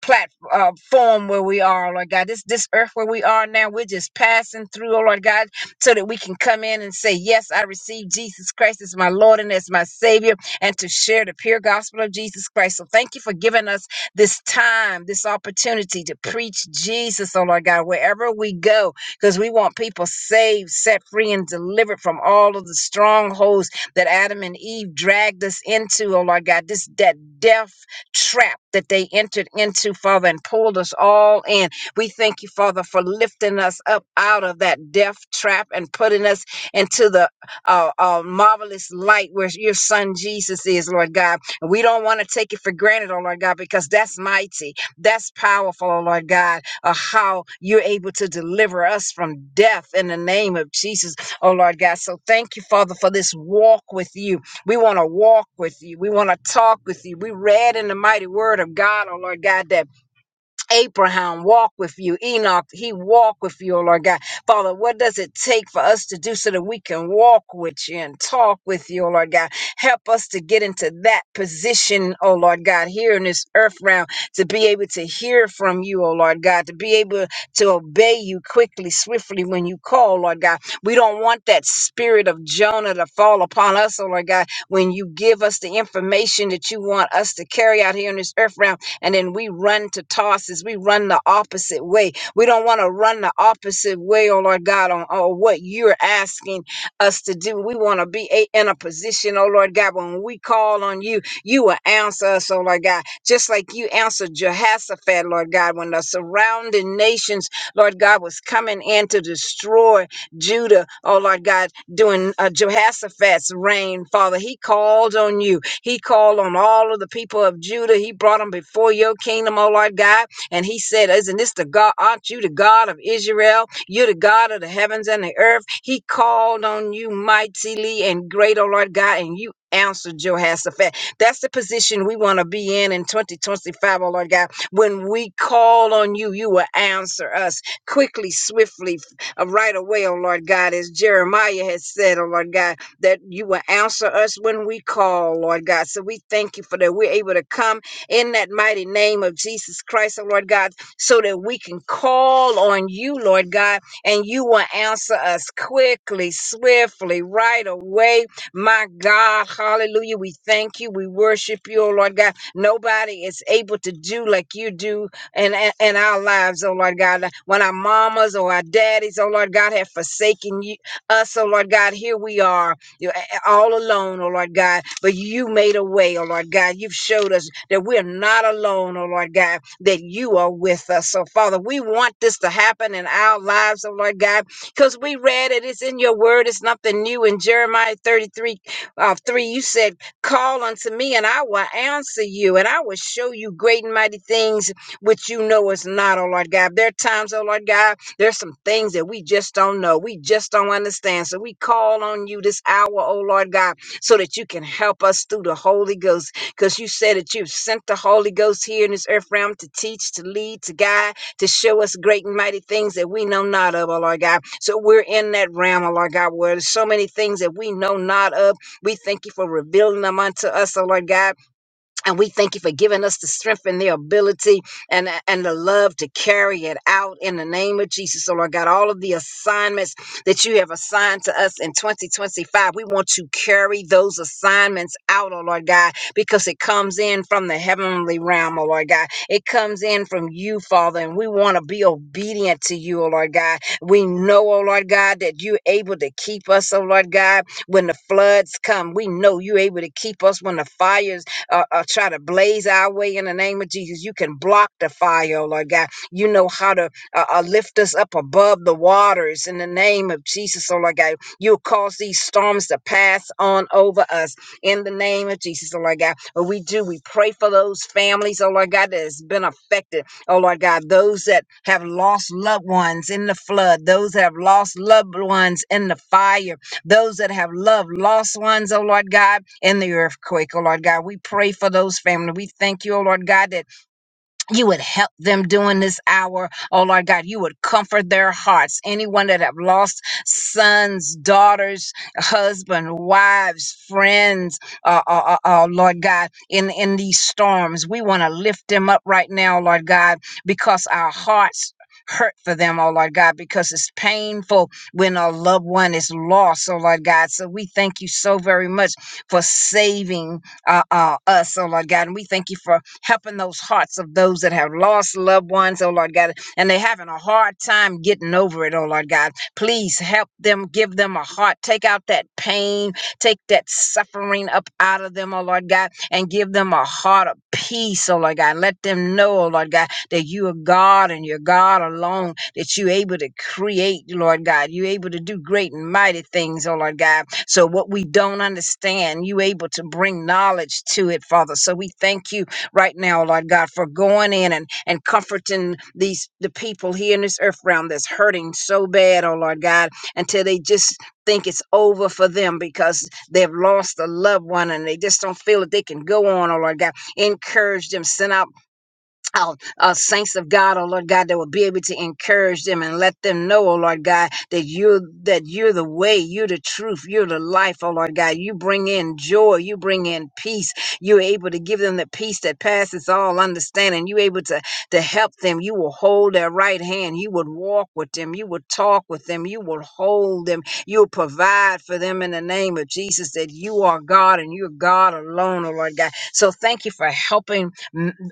Speaker 2: platform uh, form where we are, Lord God. This this earth where we are now, we're just passing through, oh Lord God, so that we can come in and say, Yes, I receive Jesus Christ as my Lord and as my Savior, and to share the pure gospel of Jesus Christ. So thank you for giving us this time, this opportunity to preach Jesus, oh Lord God, wherever we go, because we want people saved, set free, and delivered from all of the strongholds that Adam and Eve dragged us into, oh Lord God. This that death trap that they entered into, Father, and pulled us all in. We thank you, Father, for lifting us up out of that death trap and putting us into the uh, uh, marvelous light where your son Jesus is, Lord God. And we don't want to take it for granted, oh Lord God, because that's mighty, that's powerful, oh Lord God, uh, how you're able to deliver us from death in the name of Jesus, oh Lord God. So thank you, Father, for this walk with you we want to walk with you. We want to talk with you. We read in the mighty word of God, oh Lord God, that Abraham walked with you. Enoch, he walked with you, oh Lord God. Father, what does it take for us to do so that we can walk with you and talk with you, oh Lord God? Help us to get into that position, oh Lord God, here in this earth realm, to be able to hear from you, oh Lord God, to be able to obey you quickly, swiftly when you call, Lord God. We don't want that spirit of Jonah to fall upon us, oh Lord God, when you give us the information that you want us to carry out here in this earth realm and then we run to tosses. We run the opposite way. We don't want to run the opposite way, oh Lord God, on, on what you're asking us to do. We want to be a, in a position, oh Lord God, when we call on you, you will answer us, oh Lord God, just like you answered Jehoshaphat, Lord God, when the surrounding nations, Lord God, was coming in to destroy Judah, oh Lord God, during uh, Jehoshaphat's reign, Father. He called on you he called on all of the people of Judah. He brought them before your kingdom, O Lord God. And he said, Isn't this the God? Aren't you the God of Israel? You're the God of the heavens and the earth. He called on you mightily and great, O Lord God, and you answered Jehoshaphat. That's the position we want to be in in 2025, O Lord God. When we call on you, you will answer us quickly, swiftly, uh, right away, oh Lord God, as Jeremiah has said, oh Lord God that you will answer us when we call, Lord God. So we thank you for that. We're able to come in that mighty name of Jesus Christ, oh Lord God, so that we can call on you, Lord God, and you will answer us quickly, swiftly, right away. My God, hallelujah. We thank you. We worship you, oh Lord God. Nobody is able to do like you do and in in- in our lives, oh Lord God. When our mamas or our daddies, oh Lord God, have forsaken you, us, oh Lord God, here we are you- all alone, oh Lord God. But you made a way, oh Lord God. You've showed us that we're not alone, oh Lord God, that you are with us. So, Father, we want this to happen in our lives, oh Lord God, because we read it. It's in your word. It's nothing new. In Jeremiah 33 uh, 3, you said, Call unto me, and I will answer you, and I will show you great and mighty things which you know is not, oh Lord God. There are times, oh Lord God, there's some things that we just don't know. We just don't understand. So we call on you this hour, oh Lord God, so that you can help us through the Holy Ghost. Because you said that you've sent the Holy Ghost here in this earth realm to teach, to lead, to guide, to show us great and mighty things that we know not of, oh Lord God. So we're in that realm, oh Lord God, where there's so many things that we know not of. We thank you for revealing them unto us, oh Lord God. And we thank you for giving us the strength and the ability and, and the love to carry it out in the name of Jesus. So, Lord God, all of the assignments that you have assigned to us in 2025, we want to carry those assignments out, oh Lord God, because it comes in from the heavenly realm, oh Lord God. It comes in from you, Father, and we want to be obedient to you, oh Lord God. We know, oh Lord God, that you're able to keep us, oh Lord God, when the floods come. We know you're able to keep us when the fires uh, uh, try to blaze our way in the name of Jesus. You can block the fire, oh Lord God. You know how to uh, uh, lift us up above the waters in the name of Jesus, oh Lord God. You'll cause these storms to pass on over us in the name of Jesus, oh Lord God. What we do, we pray for those families, oh Lord God, that has been affected, oh Lord God, those that have lost loved ones in the flood, those that have lost loved ones in the fire those that have loved lost ones, oh Lord God, in the earthquake, oh Lord God, we pray for those family. We thank you, oh Lord God, that you would help them during this hour. Oh Lord God, you would comfort their hearts. Anyone that have lost sons, daughters, husband, wives, friends, uh, uh, uh, uh, Lord God, in, in these storms, we want to lift them up right now, Lord God, because our hearts hurt for them, oh Lord God, because it's painful when a loved one is lost, oh Lord God. So we thank you so very much for saving uh, uh, us, oh Lord God. And we thank you for helping those hearts of those that have lost loved ones, oh Lord God, and they're having a hard time getting over it, oh Lord God. Please help them, give them a heart, take out that pain, Take that suffering up out of them, oh Lord God, and give them a heart of peace, oh Lord God. Let them know, oh Lord God, that you are God and you're God alone, that you're able to create, Lord God. You're able to do great and mighty things, oh Lord God. So what we don't understand, you able to bring knowledge to it, Father. So we thank you right now, Lord God, for going in and, and comforting these the people here in this earth realm that's hurting so bad, oh Lord God, until they just think it's over for them because they've lost a loved one and they just don't feel that they can go on or Lord God. Encourage them, send out Oh, uh, saints of God, oh Lord God, that will be able to encourage them and let them know, oh Lord God, that you're that you're the way, you're the truth, you're the life, oh Lord God. You bring in joy, you bring in peace. You're able to give them the peace that passes all understanding. You're able to to help them. You will hold their right hand. You would walk with them. You would talk with them. You will hold them. You'll provide for them in the name of Jesus. That you are God and you're God alone, oh Lord God. So thank you for helping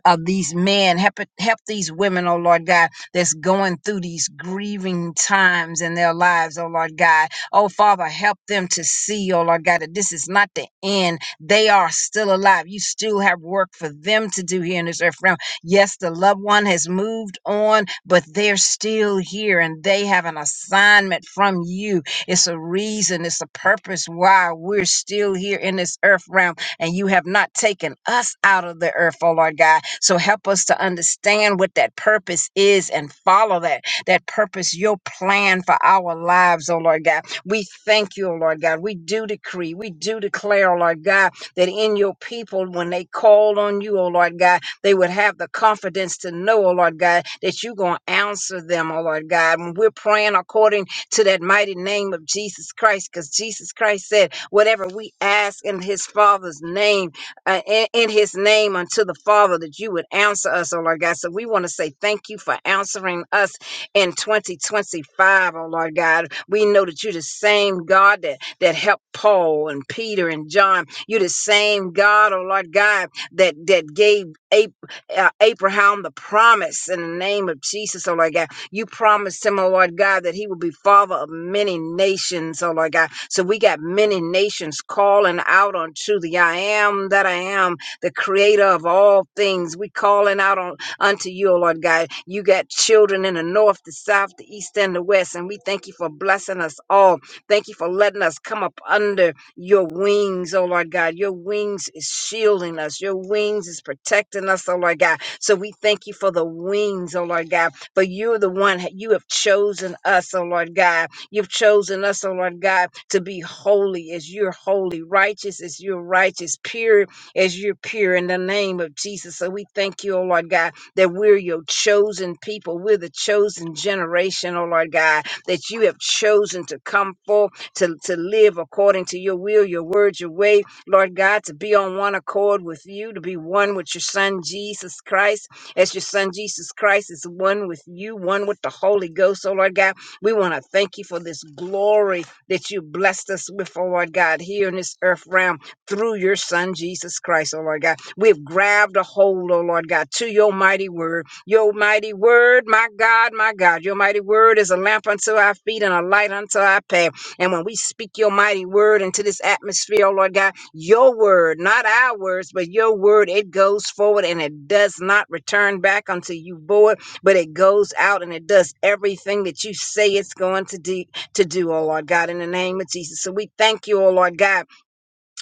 Speaker 2: of these men. Help, it- help these women, oh Lord God, that's going through these grieving times in their lives, oh Lord God. Oh Father, help them to see, oh Lord God, that this is not the end. They are still alive. You still have work for them to do here in this earth realm. Yes, the loved one has moved on, but they're still here and they have an assignment from you. It's a reason, it's a purpose why we're still here in this earth realm and you have not taken us out of the earth, oh Lord God. So help us to understand what that purpose is and follow that, that purpose, your plan for our lives, oh Lord God. We thank you, oh Lord God. We do decree, we do declare, oh Lord God, that in your people, when they call on you, oh Lord God, they would have the confidence to know, oh Lord God, that you're going to answer them, oh Lord God. When we're praying according to that mighty name of Jesus Christ, because Jesus Christ said, Whatever we ask in his Father's name, uh, in, in his name unto the Father, that you would answer us, oh Lord God. So we want to say thank you for answering us in 2025, O Lord God. We know that you're the same God that, that helped Paul and Peter and John. You're the same God, oh Lord God, that, that gave Ab- uh, Abraham the promise in the name of Jesus, oh Lord God. You promised him, oh Lord God, that he will be father of many nations, oh Lord God. So we got many nations calling out unto the I am that I am, the creator of all things. We calling out on unto you, O Lord God. You got children in the north, the south, the east, and the west. And we thank you for blessing us all. Thank you for letting us come up under your wings, oh Lord God. Your wings is shielding us. Your wings is protecting us, oh Lord God. So we thank you for the wings, oh Lord God. But you're the one, you have chosen us, oh Lord God. You've chosen us, oh Lord God, to be holy as you're holy, righteous as you're righteous, pure as you're pure in the name of Jesus. So we thank you, oh Lord God, that we're your chosen people. We're the chosen generation, oh Lord God, that you have chosen to come forth, to, to live according to your will, your word, your way, Lord God, to be on one accord with you, to be one with your son, Jesus Christ as your son Jesus Christ is one with you, one with the Holy Ghost, oh Lord God. We want to thank you for this glory that you blessed us with, oh Lord God, here in this earth realm through your son Jesus Christ, oh Lord God. We've grabbed a hold, oh Lord God, to your mighty word. Your mighty word, my God, my God, your mighty word is a lamp unto our feet and a light unto our path. And when we speak your mighty word into this atmosphere, oh Lord God, your word, not our words, but your word, it goes forward and it does not return back unto you, void, but it goes out and it does everything that you say it's going to do, to do, oh Lord God, in the name of Jesus. So we thank you, oh Lord God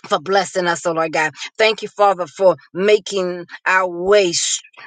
Speaker 2: for blessing us, oh Lord God. Thank you, Father, for making our way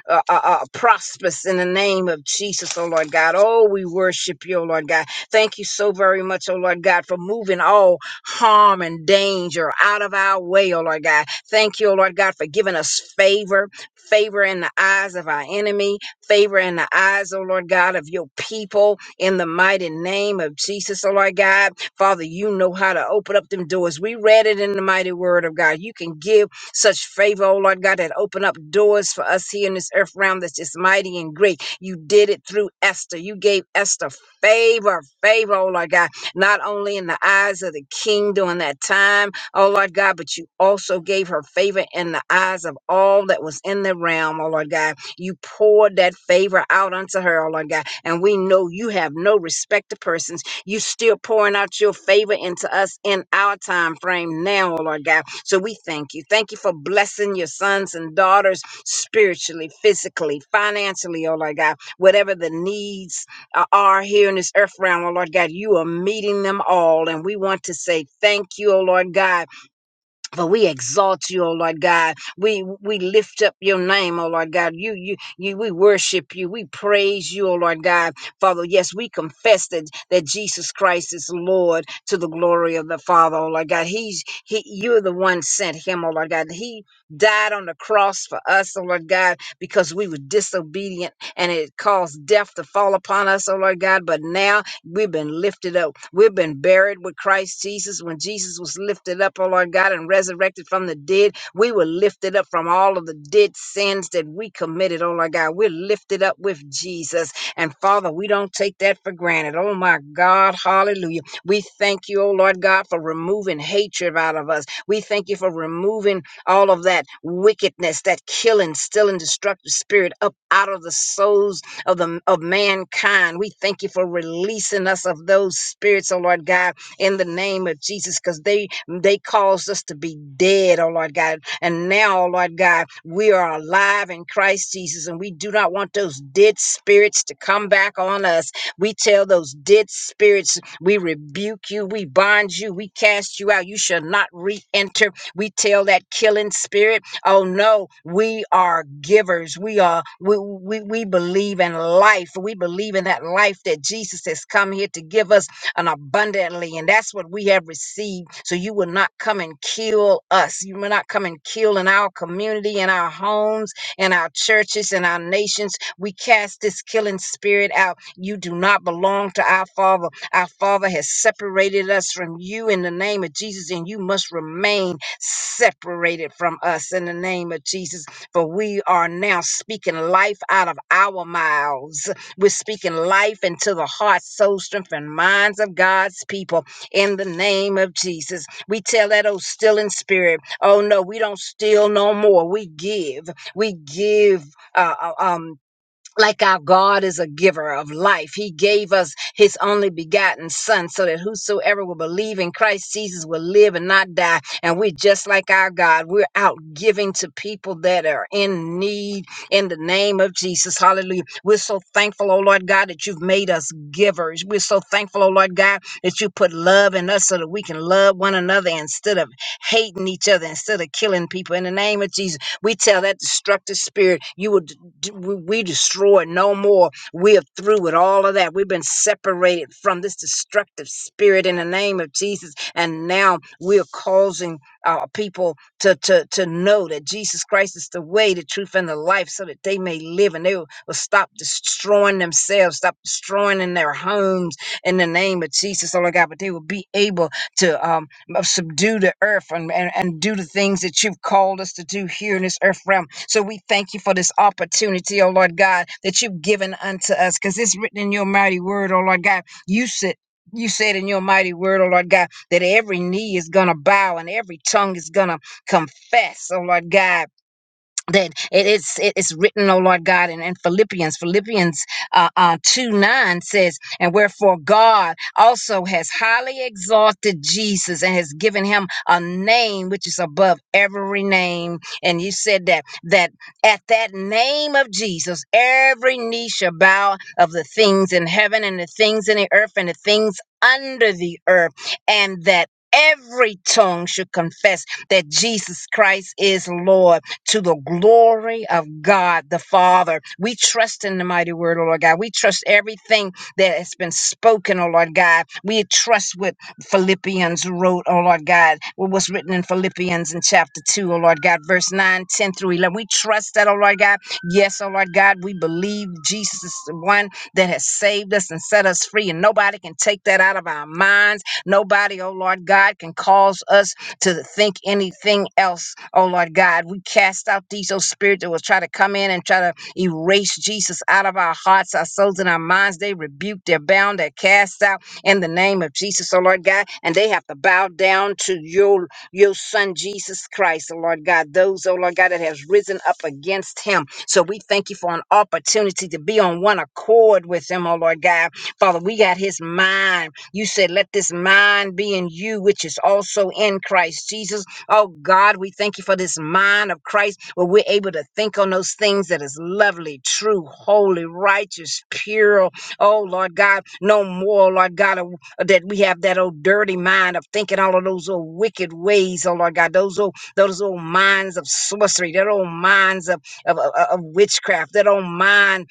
Speaker 2: uh, uh, uh, prosperous in the name of Jesus, oh Lord God. Oh, we worship you, oh Lord God. Thank you so very much, oh Lord God, for moving all harm and danger out of our way, oh Lord God. Thank you, oh Lord God, for giving us favor, favor in the eyes of our enemy, favor in the eyes, oh Lord God, of your people in the mighty name of Jesus, oh Lord God. Father, you know how to open up them doors. We read it in the mighty word of God. You can give such favor, oh Lord God, that open up doors for us here in this earth realm that's just mighty and great. You did it through Esther. You gave Esther favor, favor, oh Lord God, not only in the eyes of the king during that time, oh Lord God, but you also gave her favor in the eyes of all that was in the realm, oh Lord God. You poured that favor out unto her, oh Lord God. And we know you have no respect to persons you still pouring out your favor into us in our time frame now, oh Lord God. So we thank you. Thank you for blessing your sons and daughters spiritually, physically, financially, oh Lord God. Whatever the needs uh, are here in this earth realm, oh Lord God, you are meeting them all. And we want to say thank you, oh Lord God but we exalt you, O Lord God. We we lift up your name, O Lord God. You you you we worship you. We praise you, O Lord God. Father, yes, we confess that, that Jesus Christ is Lord to the glory of the Father, O Lord God. He's he you're the one sent him, O Lord God. He died on the cross for us, O Lord God, because we were disobedient and it caused death to fall upon us, O Lord God. But now We've been lifted up. We've been buried with Christ Jesus. When Jesus was lifted up, oh Lord God, and resurrected from the dead, we were lifted up from all of the dead sins that we committed, oh Lord God. We're lifted up with Jesus. And Father, we don't take that for granted. Oh my God, hallelujah. We thank you, oh Lord God, for removing hatred out of us. We thank you for removing all of that wickedness, that killing, stealing, destructive spirit up out of the souls of the of mankind. We thank you for releasing us of those spirits, oh Lord God, in the name of Jesus, because they they caused us to be dead, oh Lord God. And now, oh Lord God, we are alive in Christ Jesus, and we do not want those dead spirits to come back on us. We tell those dead spirits, we rebuke you, we bind you, we cast you out. You shall not re-enter. We tell that killing spirit. Oh no, we are givers. We are we we, we believe in life. We believe in that life that Jesus has come here to give us and abundantly, and that's what we have received. So you will not come and kill us. You will not come and kill in our community, in our homes, in our churches, in our nations. We cast this killing spirit out. You do not belong to our Father. Our Father has separated us from you in the name of Jesus, and you must remain separated from us in the name of Jesus. For we are now speaking life out of our mouths. We're speaking life into the heart, soul, strength, and minds of God's people in the name of Jesus. We tell that old stealing spirit, oh no, we don't steal no more. We give. We give uh, uh, um, like our God is a giver of life. He gave us his only begotten son so that whosoever will believe in Christ Jesus will live and not die. And we're just like our God. We're out giving to people that are in need in the name of Jesus. Hallelujah. We're so thankful, oh Lord God, that you've made us givers. We're so thankful, oh Lord God, that you put love in us so that we can love one another instead of hating each other, instead of killing people in the name of Jesus. We tell that destructive spirit, you will d- we we destroyed no more. We're through with all of that. We've been separated from this destructive spirit in the name of Jesus. And now we're causing uh, people to, to, to know that Jesus Christ is the way, the truth, and the life so that they may live and they will, will stop destroying themselves, stop destroying in their homes in the name of Jesus, oh Lord God, but they will be able to. Um, of subdue the earth and, and, and do the things that you've called us to do here in this earth realm. So we thank you for this opportunity, oh Lord God, that you've given unto us, because it's written in your mighty word, oh Lord God. You said you said in your mighty word, oh Lord God, that every knee is gonna bow and every tongue is gonna confess, oh Lord God that it is it is written, O Lord God, and in in Philippians, Philippians uh, uh, two nine says, and wherefore God also has highly exalted Jesus and has given him a name which is above every name. And you said that that at that name of Jesus, every knee shall bow of the things in heaven and the things in the earth and the things under the earth, and that every tongue should confess that Jesus Christ is Lord to the glory of God the Father. We trust in the mighty word, oh Lord God. We trust everything that has been spoken, oh Lord God. We trust what Philippians wrote, oh Lord God, what was written in Philippians in chapter 2, O Lord God, verse 9, 10 through 11. We trust that, oh Lord God. Yes, oh Lord God, we believe Jesus is the one that has saved us and set us free, and nobody can take that out of our minds. Nobody, oh Lord God, can cause us to think anything else, oh Lord God. We cast out these oh spirits that will try to come in and try to erase Jesus out of our hearts, our souls, and our minds. They rebuke, they're bound, they're cast out in the name of Jesus, oh Lord God. And they have to bow down to your your son Jesus Christ, oh Lord God. Those, oh Lord God, that has risen up against him. So we thank you for an opportunity to be on one accord with him, oh Lord God Father, we got his mind. You said, let this mind be in you, which is also in Christ Jesus. Oh God, we thank you for this mind of Christ where we're able to think on those things that is lovely, true, holy, righteous, pure. Oh Lord God, no more, Lord God, of- that we have that old dirty mind of thinking all of those old wicked ways, oh Lord God, those old those old minds of sorcery, that old minds of of, of, of witchcraft, that old mind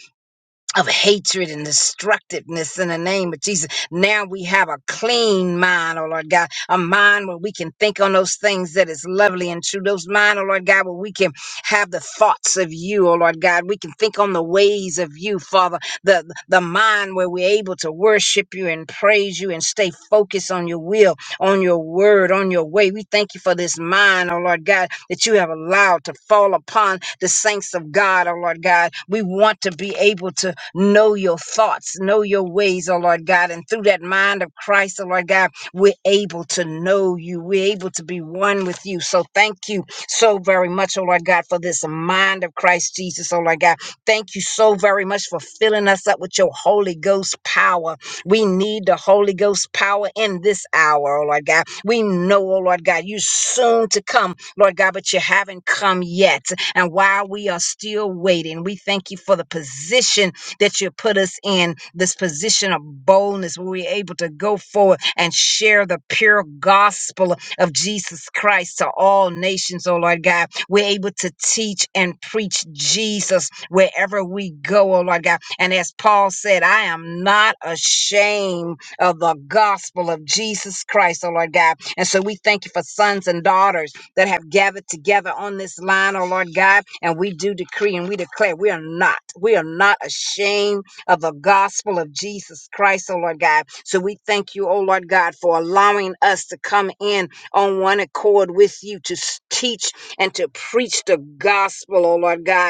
Speaker 2: of hatred and destructiveness in the name of Jesus. Now we have a clean mind, oh Lord God, a mind where we can think on those things that is lovely and true. Those mind, oh Lord God, where we can have the thoughts of you, oh Lord God. We can think on the ways of you, Father. The the mind where we're able to worship you and praise you and stay focused on your will, on your word, on your way. We thank you for this mind, oh Lord God that you have allowed to fall upon the saints of God, oh Lord God. We want to be able to know your thoughts, know your ways, oh Lord God. And through that mind of Christ, oh Lord God, we're able to know you. We're able to be one with you. So thank you so very much, oh Lord God, for this mind of Christ Jesus, oh Lord God. Thank you so very much for filling us up with your Holy Ghost power. We need the Holy Ghost power in this hour, oh Lord God. We know, oh Lord God, you soon to come Lord God, but you haven't come yet. And while we are still waiting, we thank you for the position that you put us in, this position of boldness where we're able to go forward and share the pure gospel of Jesus Christ to all nations, oh Lord God. We're able to teach and preach Jesus wherever we go, oh Lord God. And as Paul said, I am not ashamed of the gospel of Jesus Christ, oh Lord God. And so we thank you for sons and daughters that have gathered together on this line, oh Lord God. And we do decree and we declare we are not, we are not ashamed of the gospel of Jesus Christ, oh Lord God. So we thank you, oh Lord God, for allowing us to come in on one accord with you to s- teach and to preach the gospel, oh Lord God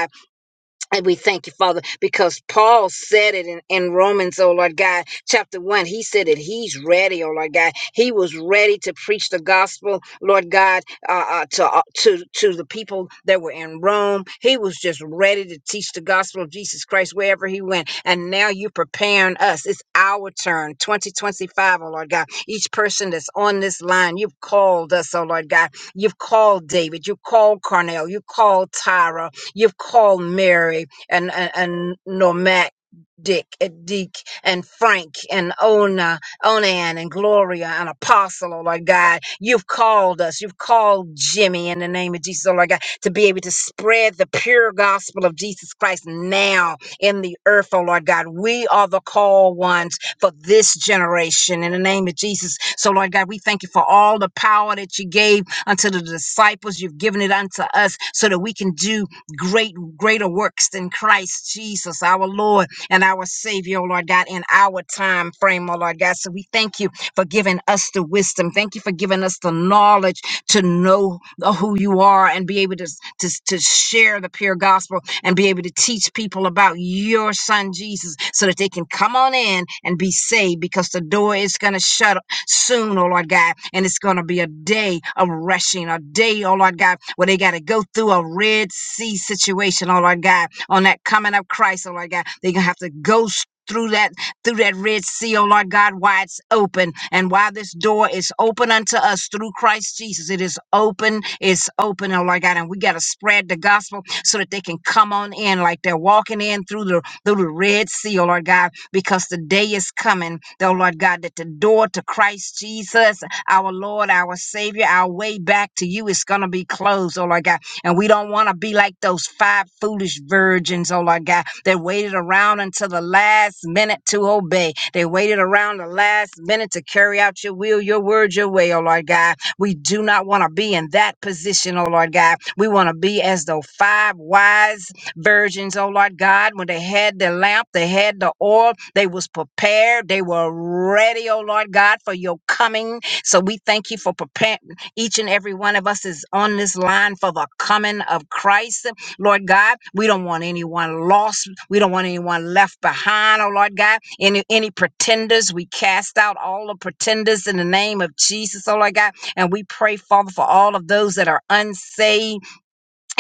Speaker 2: and we thank you, Father, because Paul said it in, in Romans, oh Lord God, chapter one. He said that he's ready, oh Lord God. He was ready to preach the gospel, Lord God, uh, uh, to uh, to to the people that were in Rome. He was just ready to teach the gospel of Jesus Christ wherever he went. And now you're preparing us. It's our turn, 2025, O Lord God. Each person that's on this line, you've called us, oh Lord God. You've called David. You've called Cornell. You've called Tyra, You've called Mary and, and, and Normac Dick and Deke and Frank and Ona, Onan and Gloria and Apostle, oh Lord God. You've called us. You've called Jimmy in the name of Jesus, oh Lord God, to be able to spread the pure gospel of Jesus Christ now in the earth, oh Lord God. We are the called ones for this generation in the name of Jesus. So, Lord God, we thank you for all the power that you gave unto the disciples. You've given it unto us so that we can do great greater works than Christ Jesus, our Lord and our Savior, oh Lord God, in our time frame, oh Lord God. So we thank you for giving us the wisdom. Thank you for giving us the knowledge to know who you are and be able to, to, to share the pure gospel and be able to teach people about your son Jesus so that they can come on in and be saved because the door is going to shut soon, oh Lord God. And it's going to be a day of rushing, a day, oh Lord God, where they got to go through a Red Sea situation, oh Lord God, on that coming of Christ, oh Lord God. They're going to have to go through that through that red sea oh lord god why it's open and why this door is open unto us through christ jesus it is open it's open oh lord god and we got to spread the gospel so that they can come on in like they're walking in through the through the Red Sea, oh Lord God, because the day is coming, oh Lord God, that the door to Christ Jesus, our Lord, our Savior, our way back to you is going to be closed, oh Lord God. And we don't want to be like those five foolish virgins, oh Lord God, that waited around until the last minute to obey. They waited around the last minute to carry out your will, your word, your way, oh Lord God. We do not want to be in that position, oh Lord God. We want to be as though five wise virgins, oh Lord God, when they had the lamp, they had the oil, they was prepared, they were ready, oh Lord God, for your coming. So we thank you for preparing each and every one of us is on this line for the coming of Christ. Lord God, we don't want anyone lost. We don't want anyone left behind, oh Lord God. Any any pretenders, we cast out all the pretenders in the name of Jesus, oh Lord God. And we pray, Father, for all of those that are unsaved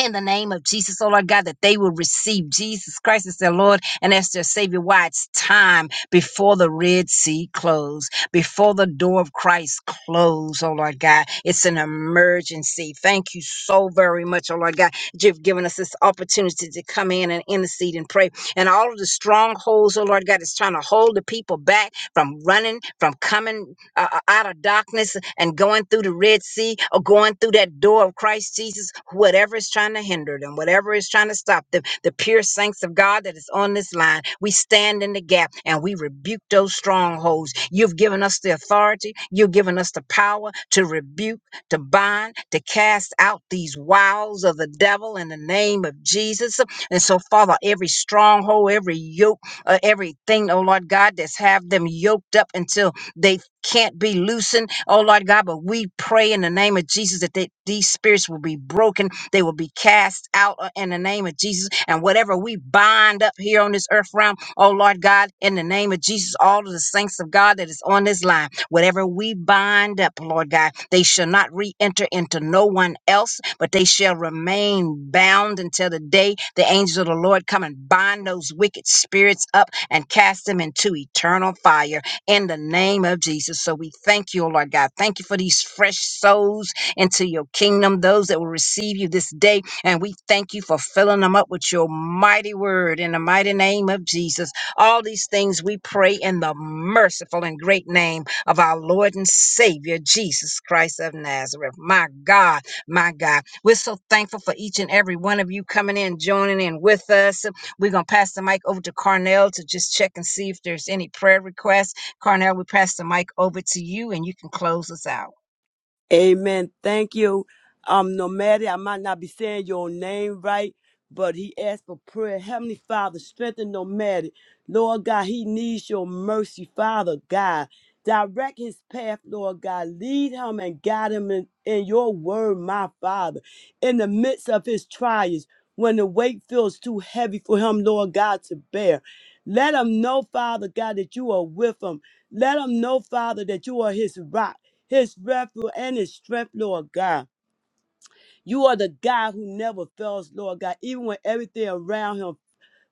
Speaker 2: in the name of Jesus, oh Lord God, that they will receive Jesus Christ as their Lord and as their Savior. Why it's time before the Red Sea closed, before the door of Christ closed, oh Lord God. It's an emergency. Thank you so very much, oh Lord God. that You've given us this opportunity to come in and intercede and pray. And all of the strongholds, oh Lord God, is trying to hold the people back from running, from coming uh, uh, out of darkness and going through the Red Sea or going through that door of Christ Jesus, whatever is trying to hinder them, whatever is trying to stop them, the pure saints of God that is on this line, we stand in the gap and we rebuke those strongholds. You've given us the authority, you've given us the power to rebuke, to bind, to cast out these wiles of the devil in the name of Jesus. And so, Father, every stronghold, every yoke, uh, everything, oh Lord God, that's have them yoked up until they can't be loosened. Oh Lord God, but we pray in the name of Jesus that they, these spirits will be broken. They will be cast out uh, in the name of Jesus. And whatever we bind up here on this earth realm, oh Lord God, in the name of Jesus, all of the saints of God that is on this line, whatever we bind up, Lord God, they shall not re-enter into no one else, but they shall remain bound until the day the angels of the Lord come and bind those wicked spirits up and cast them into eternal fire in the name of Jesus. So we thank you, O Lord God. Thank you for these fresh souls into your kingdom, those that will receive you this day. And we thank you for filling them up with your mighty word in the mighty name of Jesus. All these things we pray in the merciful and great name of our Lord and Savior, Jesus Christ of Nazareth. My God, my God. We're so thankful for each and every one of you coming in, joining in with us. We're going to pass the mic over to Carnell to just check and see if there's any prayer requests. Carnell, we pass the mic over to you and you can close us out.
Speaker 3: Amen. Thank you. Um, nomadic, I might not be saying your name right, but he asked for prayer. Heavenly Father, strengthen nomadic. Lord God, he needs your mercy, Father God. Direct his path, Lord God. Lead him and guide him in, in your word, my Father. In the midst of his trials, when the weight feels too heavy for him, Lord God, to bear. Let him know, Father God, that you are with him. Let him know, Father, that you are his rock his refuge and his strength, Lord God. You are the God who never fails, Lord God, even when everything around him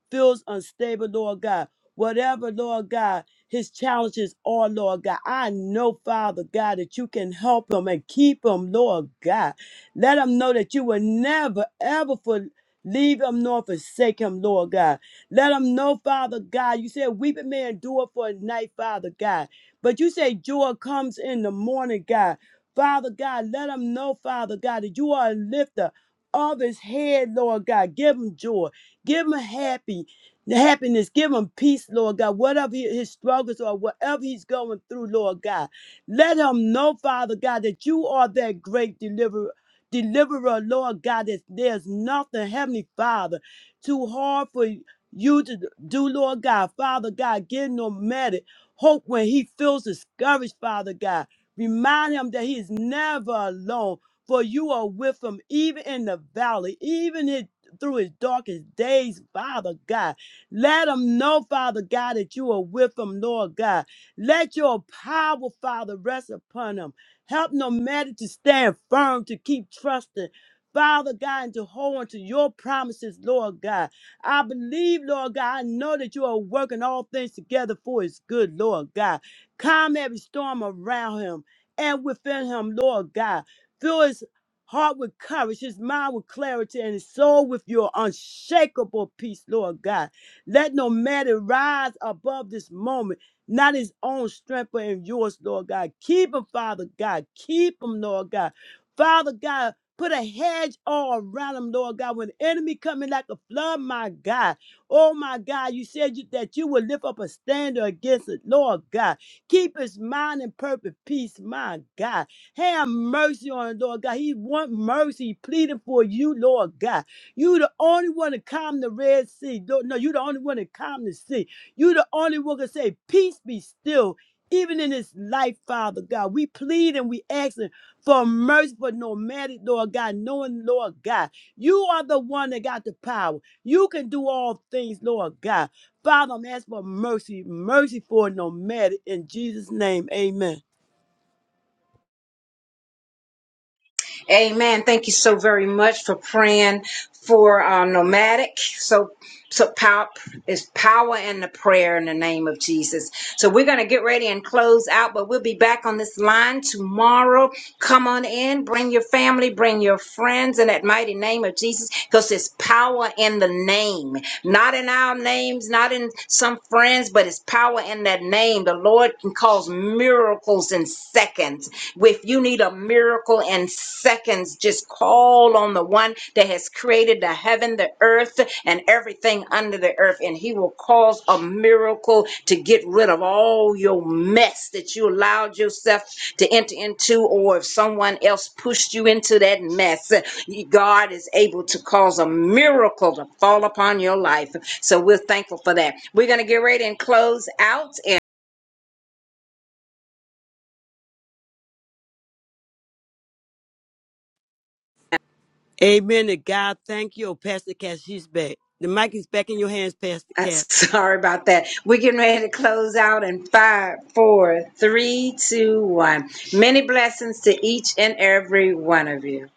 Speaker 3: feels unstable, Lord God. Whatever, Lord God, his challenges are, Lord God. I know, Father God, that you can help him and keep him, Lord God. Let him know that you will never, ever for leave him nor forsake him, Lord God. Let him know, Father God. You said weeping may endure for a night, Father God. But you say joy comes in the morning, God. Father God, let him know, Father God, that you are a lifter of his head, Lord God. Give him joy. Give him happy, happiness. Give him peace, Lord God. Whatever he- his struggles are, whatever he's going through, Lord God. Let him know, Father God, that you are that great deliverer. Deliverer, Lord God, that there's nothing, Heavenly Father, too hard for you to do, Lord God. Father God, give no matter hope when he feels discouraged, Father God. Remind him that he is never alone, for you are with him, even in the valley, even his through his darkest days, Father God. Let him know, Father God, that you are with him, Lord God. Let your power, Father, rest upon him. Help no matter to stand firm, to keep trusting. Father God, and to hold on to your promises, Lord God. I believe, Lord God, I know that you are working all things together for his good, Lord God. Calm every storm around him and within him, Lord God. fill His heart with courage, his mind with clarity, and his soul with your unshakable peace, Lord God. Let no matter rise above this moment, not his own strength, but in yours, Lord God. Keep him, Father God. Keep him, Lord God. Father God, put a hedge all around him, Lord God. When the enemy coming like a flood, my God. Oh, my God, you said you, that you would lift up a standard against it, Lord God. Keep his mind in perfect peace, my God. Have mercy on him, Lord God. He want mercy. pleading for you, Lord God. You the only one to calm the Red Sea. Lord, No, you the only one to calm the sea. You the only one to say, peace be still. Even in this life, Father God, we plead and we asking for mercy for nomadic, Lord God, knowing, Lord God, you are the one that got the power. You can do all things, Lord God. Father, I'm asking for mercy, mercy for nomadic. In Jesus' name, amen.
Speaker 2: Amen. Thank you so very much for praying for uh, nomadic. So, so power is power in the prayer in the name of Jesus. So we're gonna get ready and close out, but we'll be back on this line tomorrow. Come on in, bring your family, bring your friends in that mighty name of Jesus, because it's power in the name. not in our names, not in some friends, but it's power in that name. The Lord can cause miracles in seconds. If you need a miracle in seconds, just call on the one that has created the heaven, the earth, and everything under the earth, and He will cause a miracle to get rid of all your mess that you allowed yourself to enter into, or if someone else pushed you into that mess, God is able to cause a miracle to fall upon your life. So we're thankful for that. We're going to get ready and close out. And
Speaker 3: Amen to God. Thank you, oh, Pastor Cat. She's back. The mic is back in your hands, Pastor
Speaker 2: uh,
Speaker 3: Cat.
Speaker 2: sorry about that. We're getting ready to close out in five, four, three, two, one. Many blessings to each and every one of you.